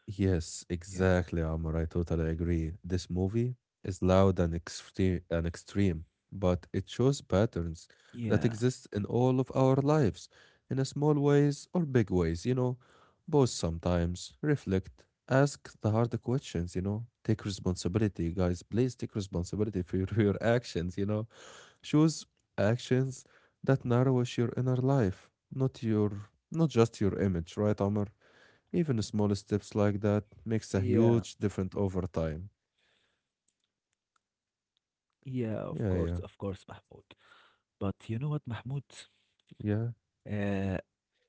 [SPEAKER 2] Yes,
[SPEAKER 1] Yeah.
[SPEAKER 2] exactly, Amr. I totally agree. This movie is loud and extreme, but it shows patterns that
[SPEAKER 1] Yeah,
[SPEAKER 2] exist in all of our lives, in a small ways or big ways, you know. Pause sometimes, reflect, ask the hard questions, you know. Take responsibility, guys. Please take responsibility for your, *laughs* your actions, you know. Choose actions that nourishes your inner life, not your, not just your image, right, Amr? Even small steps like that
[SPEAKER 1] yeah,
[SPEAKER 2] makes a huge difference over time.
[SPEAKER 1] yeah, of
[SPEAKER 2] Yeah,
[SPEAKER 1] course,
[SPEAKER 2] yeah,
[SPEAKER 1] Mahmoud. But you know what, Mahmoud?
[SPEAKER 2] yeah,
[SPEAKER 1] Uh,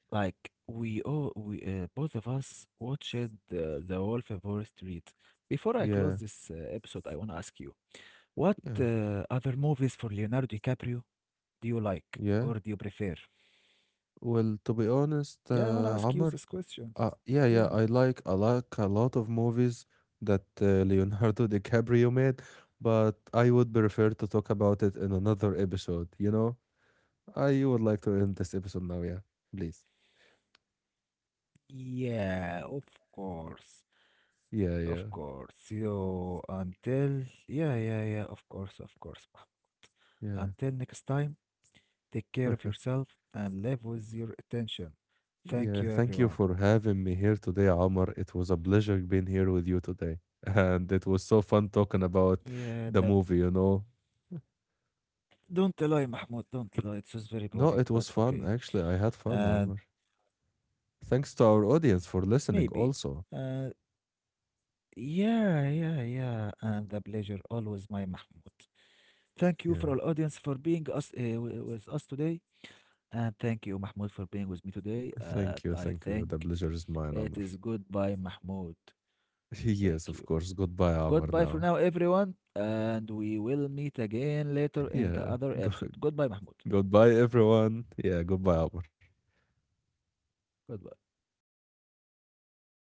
[SPEAKER 1] like we all, we both of us watched The Wolf of Wall Street. Before I close this
[SPEAKER 2] yeah,
[SPEAKER 1] episode, I want to ask you, what
[SPEAKER 2] yeah,
[SPEAKER 1] other movies for Leonardo DiCaprio do you like
[SPEAKER 2] yeah.
[SPEAKER 1] or do you prefer?
[SPEAKER 2] Well, to be honest,
[SPEAKER 1] Yeah, I want to
[SPEAKER 2] Amr,
[SPEAKER 1] ask you this question.
[SPEAKER 2] yeah, yeah, I
[SPEAKER 1] Yeah.
[SPEAKER 2] like I like a lot of movies that Leonardo *laughs* DiCaprio made, but I would prefer to talk about it in another episode. You know, I would like to end this episode now. Yeah, please.
[SPEAKER 1] Yeah, of course.
[SPEAKER 2] Yeah, yeah,
[SPEAKER 1] Of course. You until yeah, yeah, yeah, of course, of course. Mahmoud.
[SPEAKER 2] yeah.
[SPEAKER 1] Until next time, take care of yourself and live with your attention.
[SPEAKER 2] Yeah, thank
[SPEAKER 1] Thank
[SPEAKER 2] you
[SPEAKER 1] you
[SPEAKER 2] for
[SPEAKER 1] everyone.
[SPEAKER 2] having me here today, Omar. It was a pleasure being here with you today. *laughs* And it was so fun talking about
[SPEAKER 1] Yeah,
[SPEAKER 2] the
[SPEAKER 1] the
[SPEAKER 2] movie, you know.
[SPEAKER 1] don't lie, Mahmoud, don't lie. It was
[SPEAKER 2] No, it
[SPEAKER 1] very
[SPEAKER 2] was
[SPEAKER 1] boring,
[SPEAKER 2] fun.
[SPEAKER 1] but
[SPEAKER 2] Actually,
[SPEAKER 1] okay.
[SPEAKER 2] I had fun, Omar.
[SPEAKER 1] And
[SPEAKER 2] Thanks to our audience for listening
[SPEAKER 1] maybe.
[SPEAKER 2] also.
[SPEAKER 1] Uh Yeah, yeah, yeah. And the pleasure always, my Mahmoud. Thank
[SPEAKER 2] Yeah.
[SPEAKER 1] you for all audience for being us with us today. And thank you, Mahmoud, for being with me
[SPEAKER 2] Thank
[SPEAKER 1] today.
[SPEAKER 2] you. Thank you. The
[SPEAKER 1] I
[SPEAKER 2] pleasure
[SPEAKER 1] think
[SPEAKER 2] is mine, Amr.
[SPEAKER 1] it is goodbye, Mahmoud.
[SPEAKER 2] *laughs* Yes,
[SPEAKER 1] Thank
[SPEAKER 2] of
[SPEAKER 1] you.
[SPEAKER 2] course. Goodbye, Amr.
[SPEAKER 1] Goodbye
[SPEAKER 2] Now.
[SPEAKER 1] for now, everyone. And we will meet again
[SPEAKER 2] Yeah.
[SPEAKER 1] later in the
[SPEAKER 2] Go-
[SPEAKER 1] other episode.
[SPEAKER 2] *laughs*
[SPEAKER 1] Goodbye,
[SPEAKER 2] goodbye,
[SPEAKER 1] Mahmoud.
[SPEAKER 2] everyone. Yeah, goodbye, Amr.
[SPEAKER 1] Goodbye.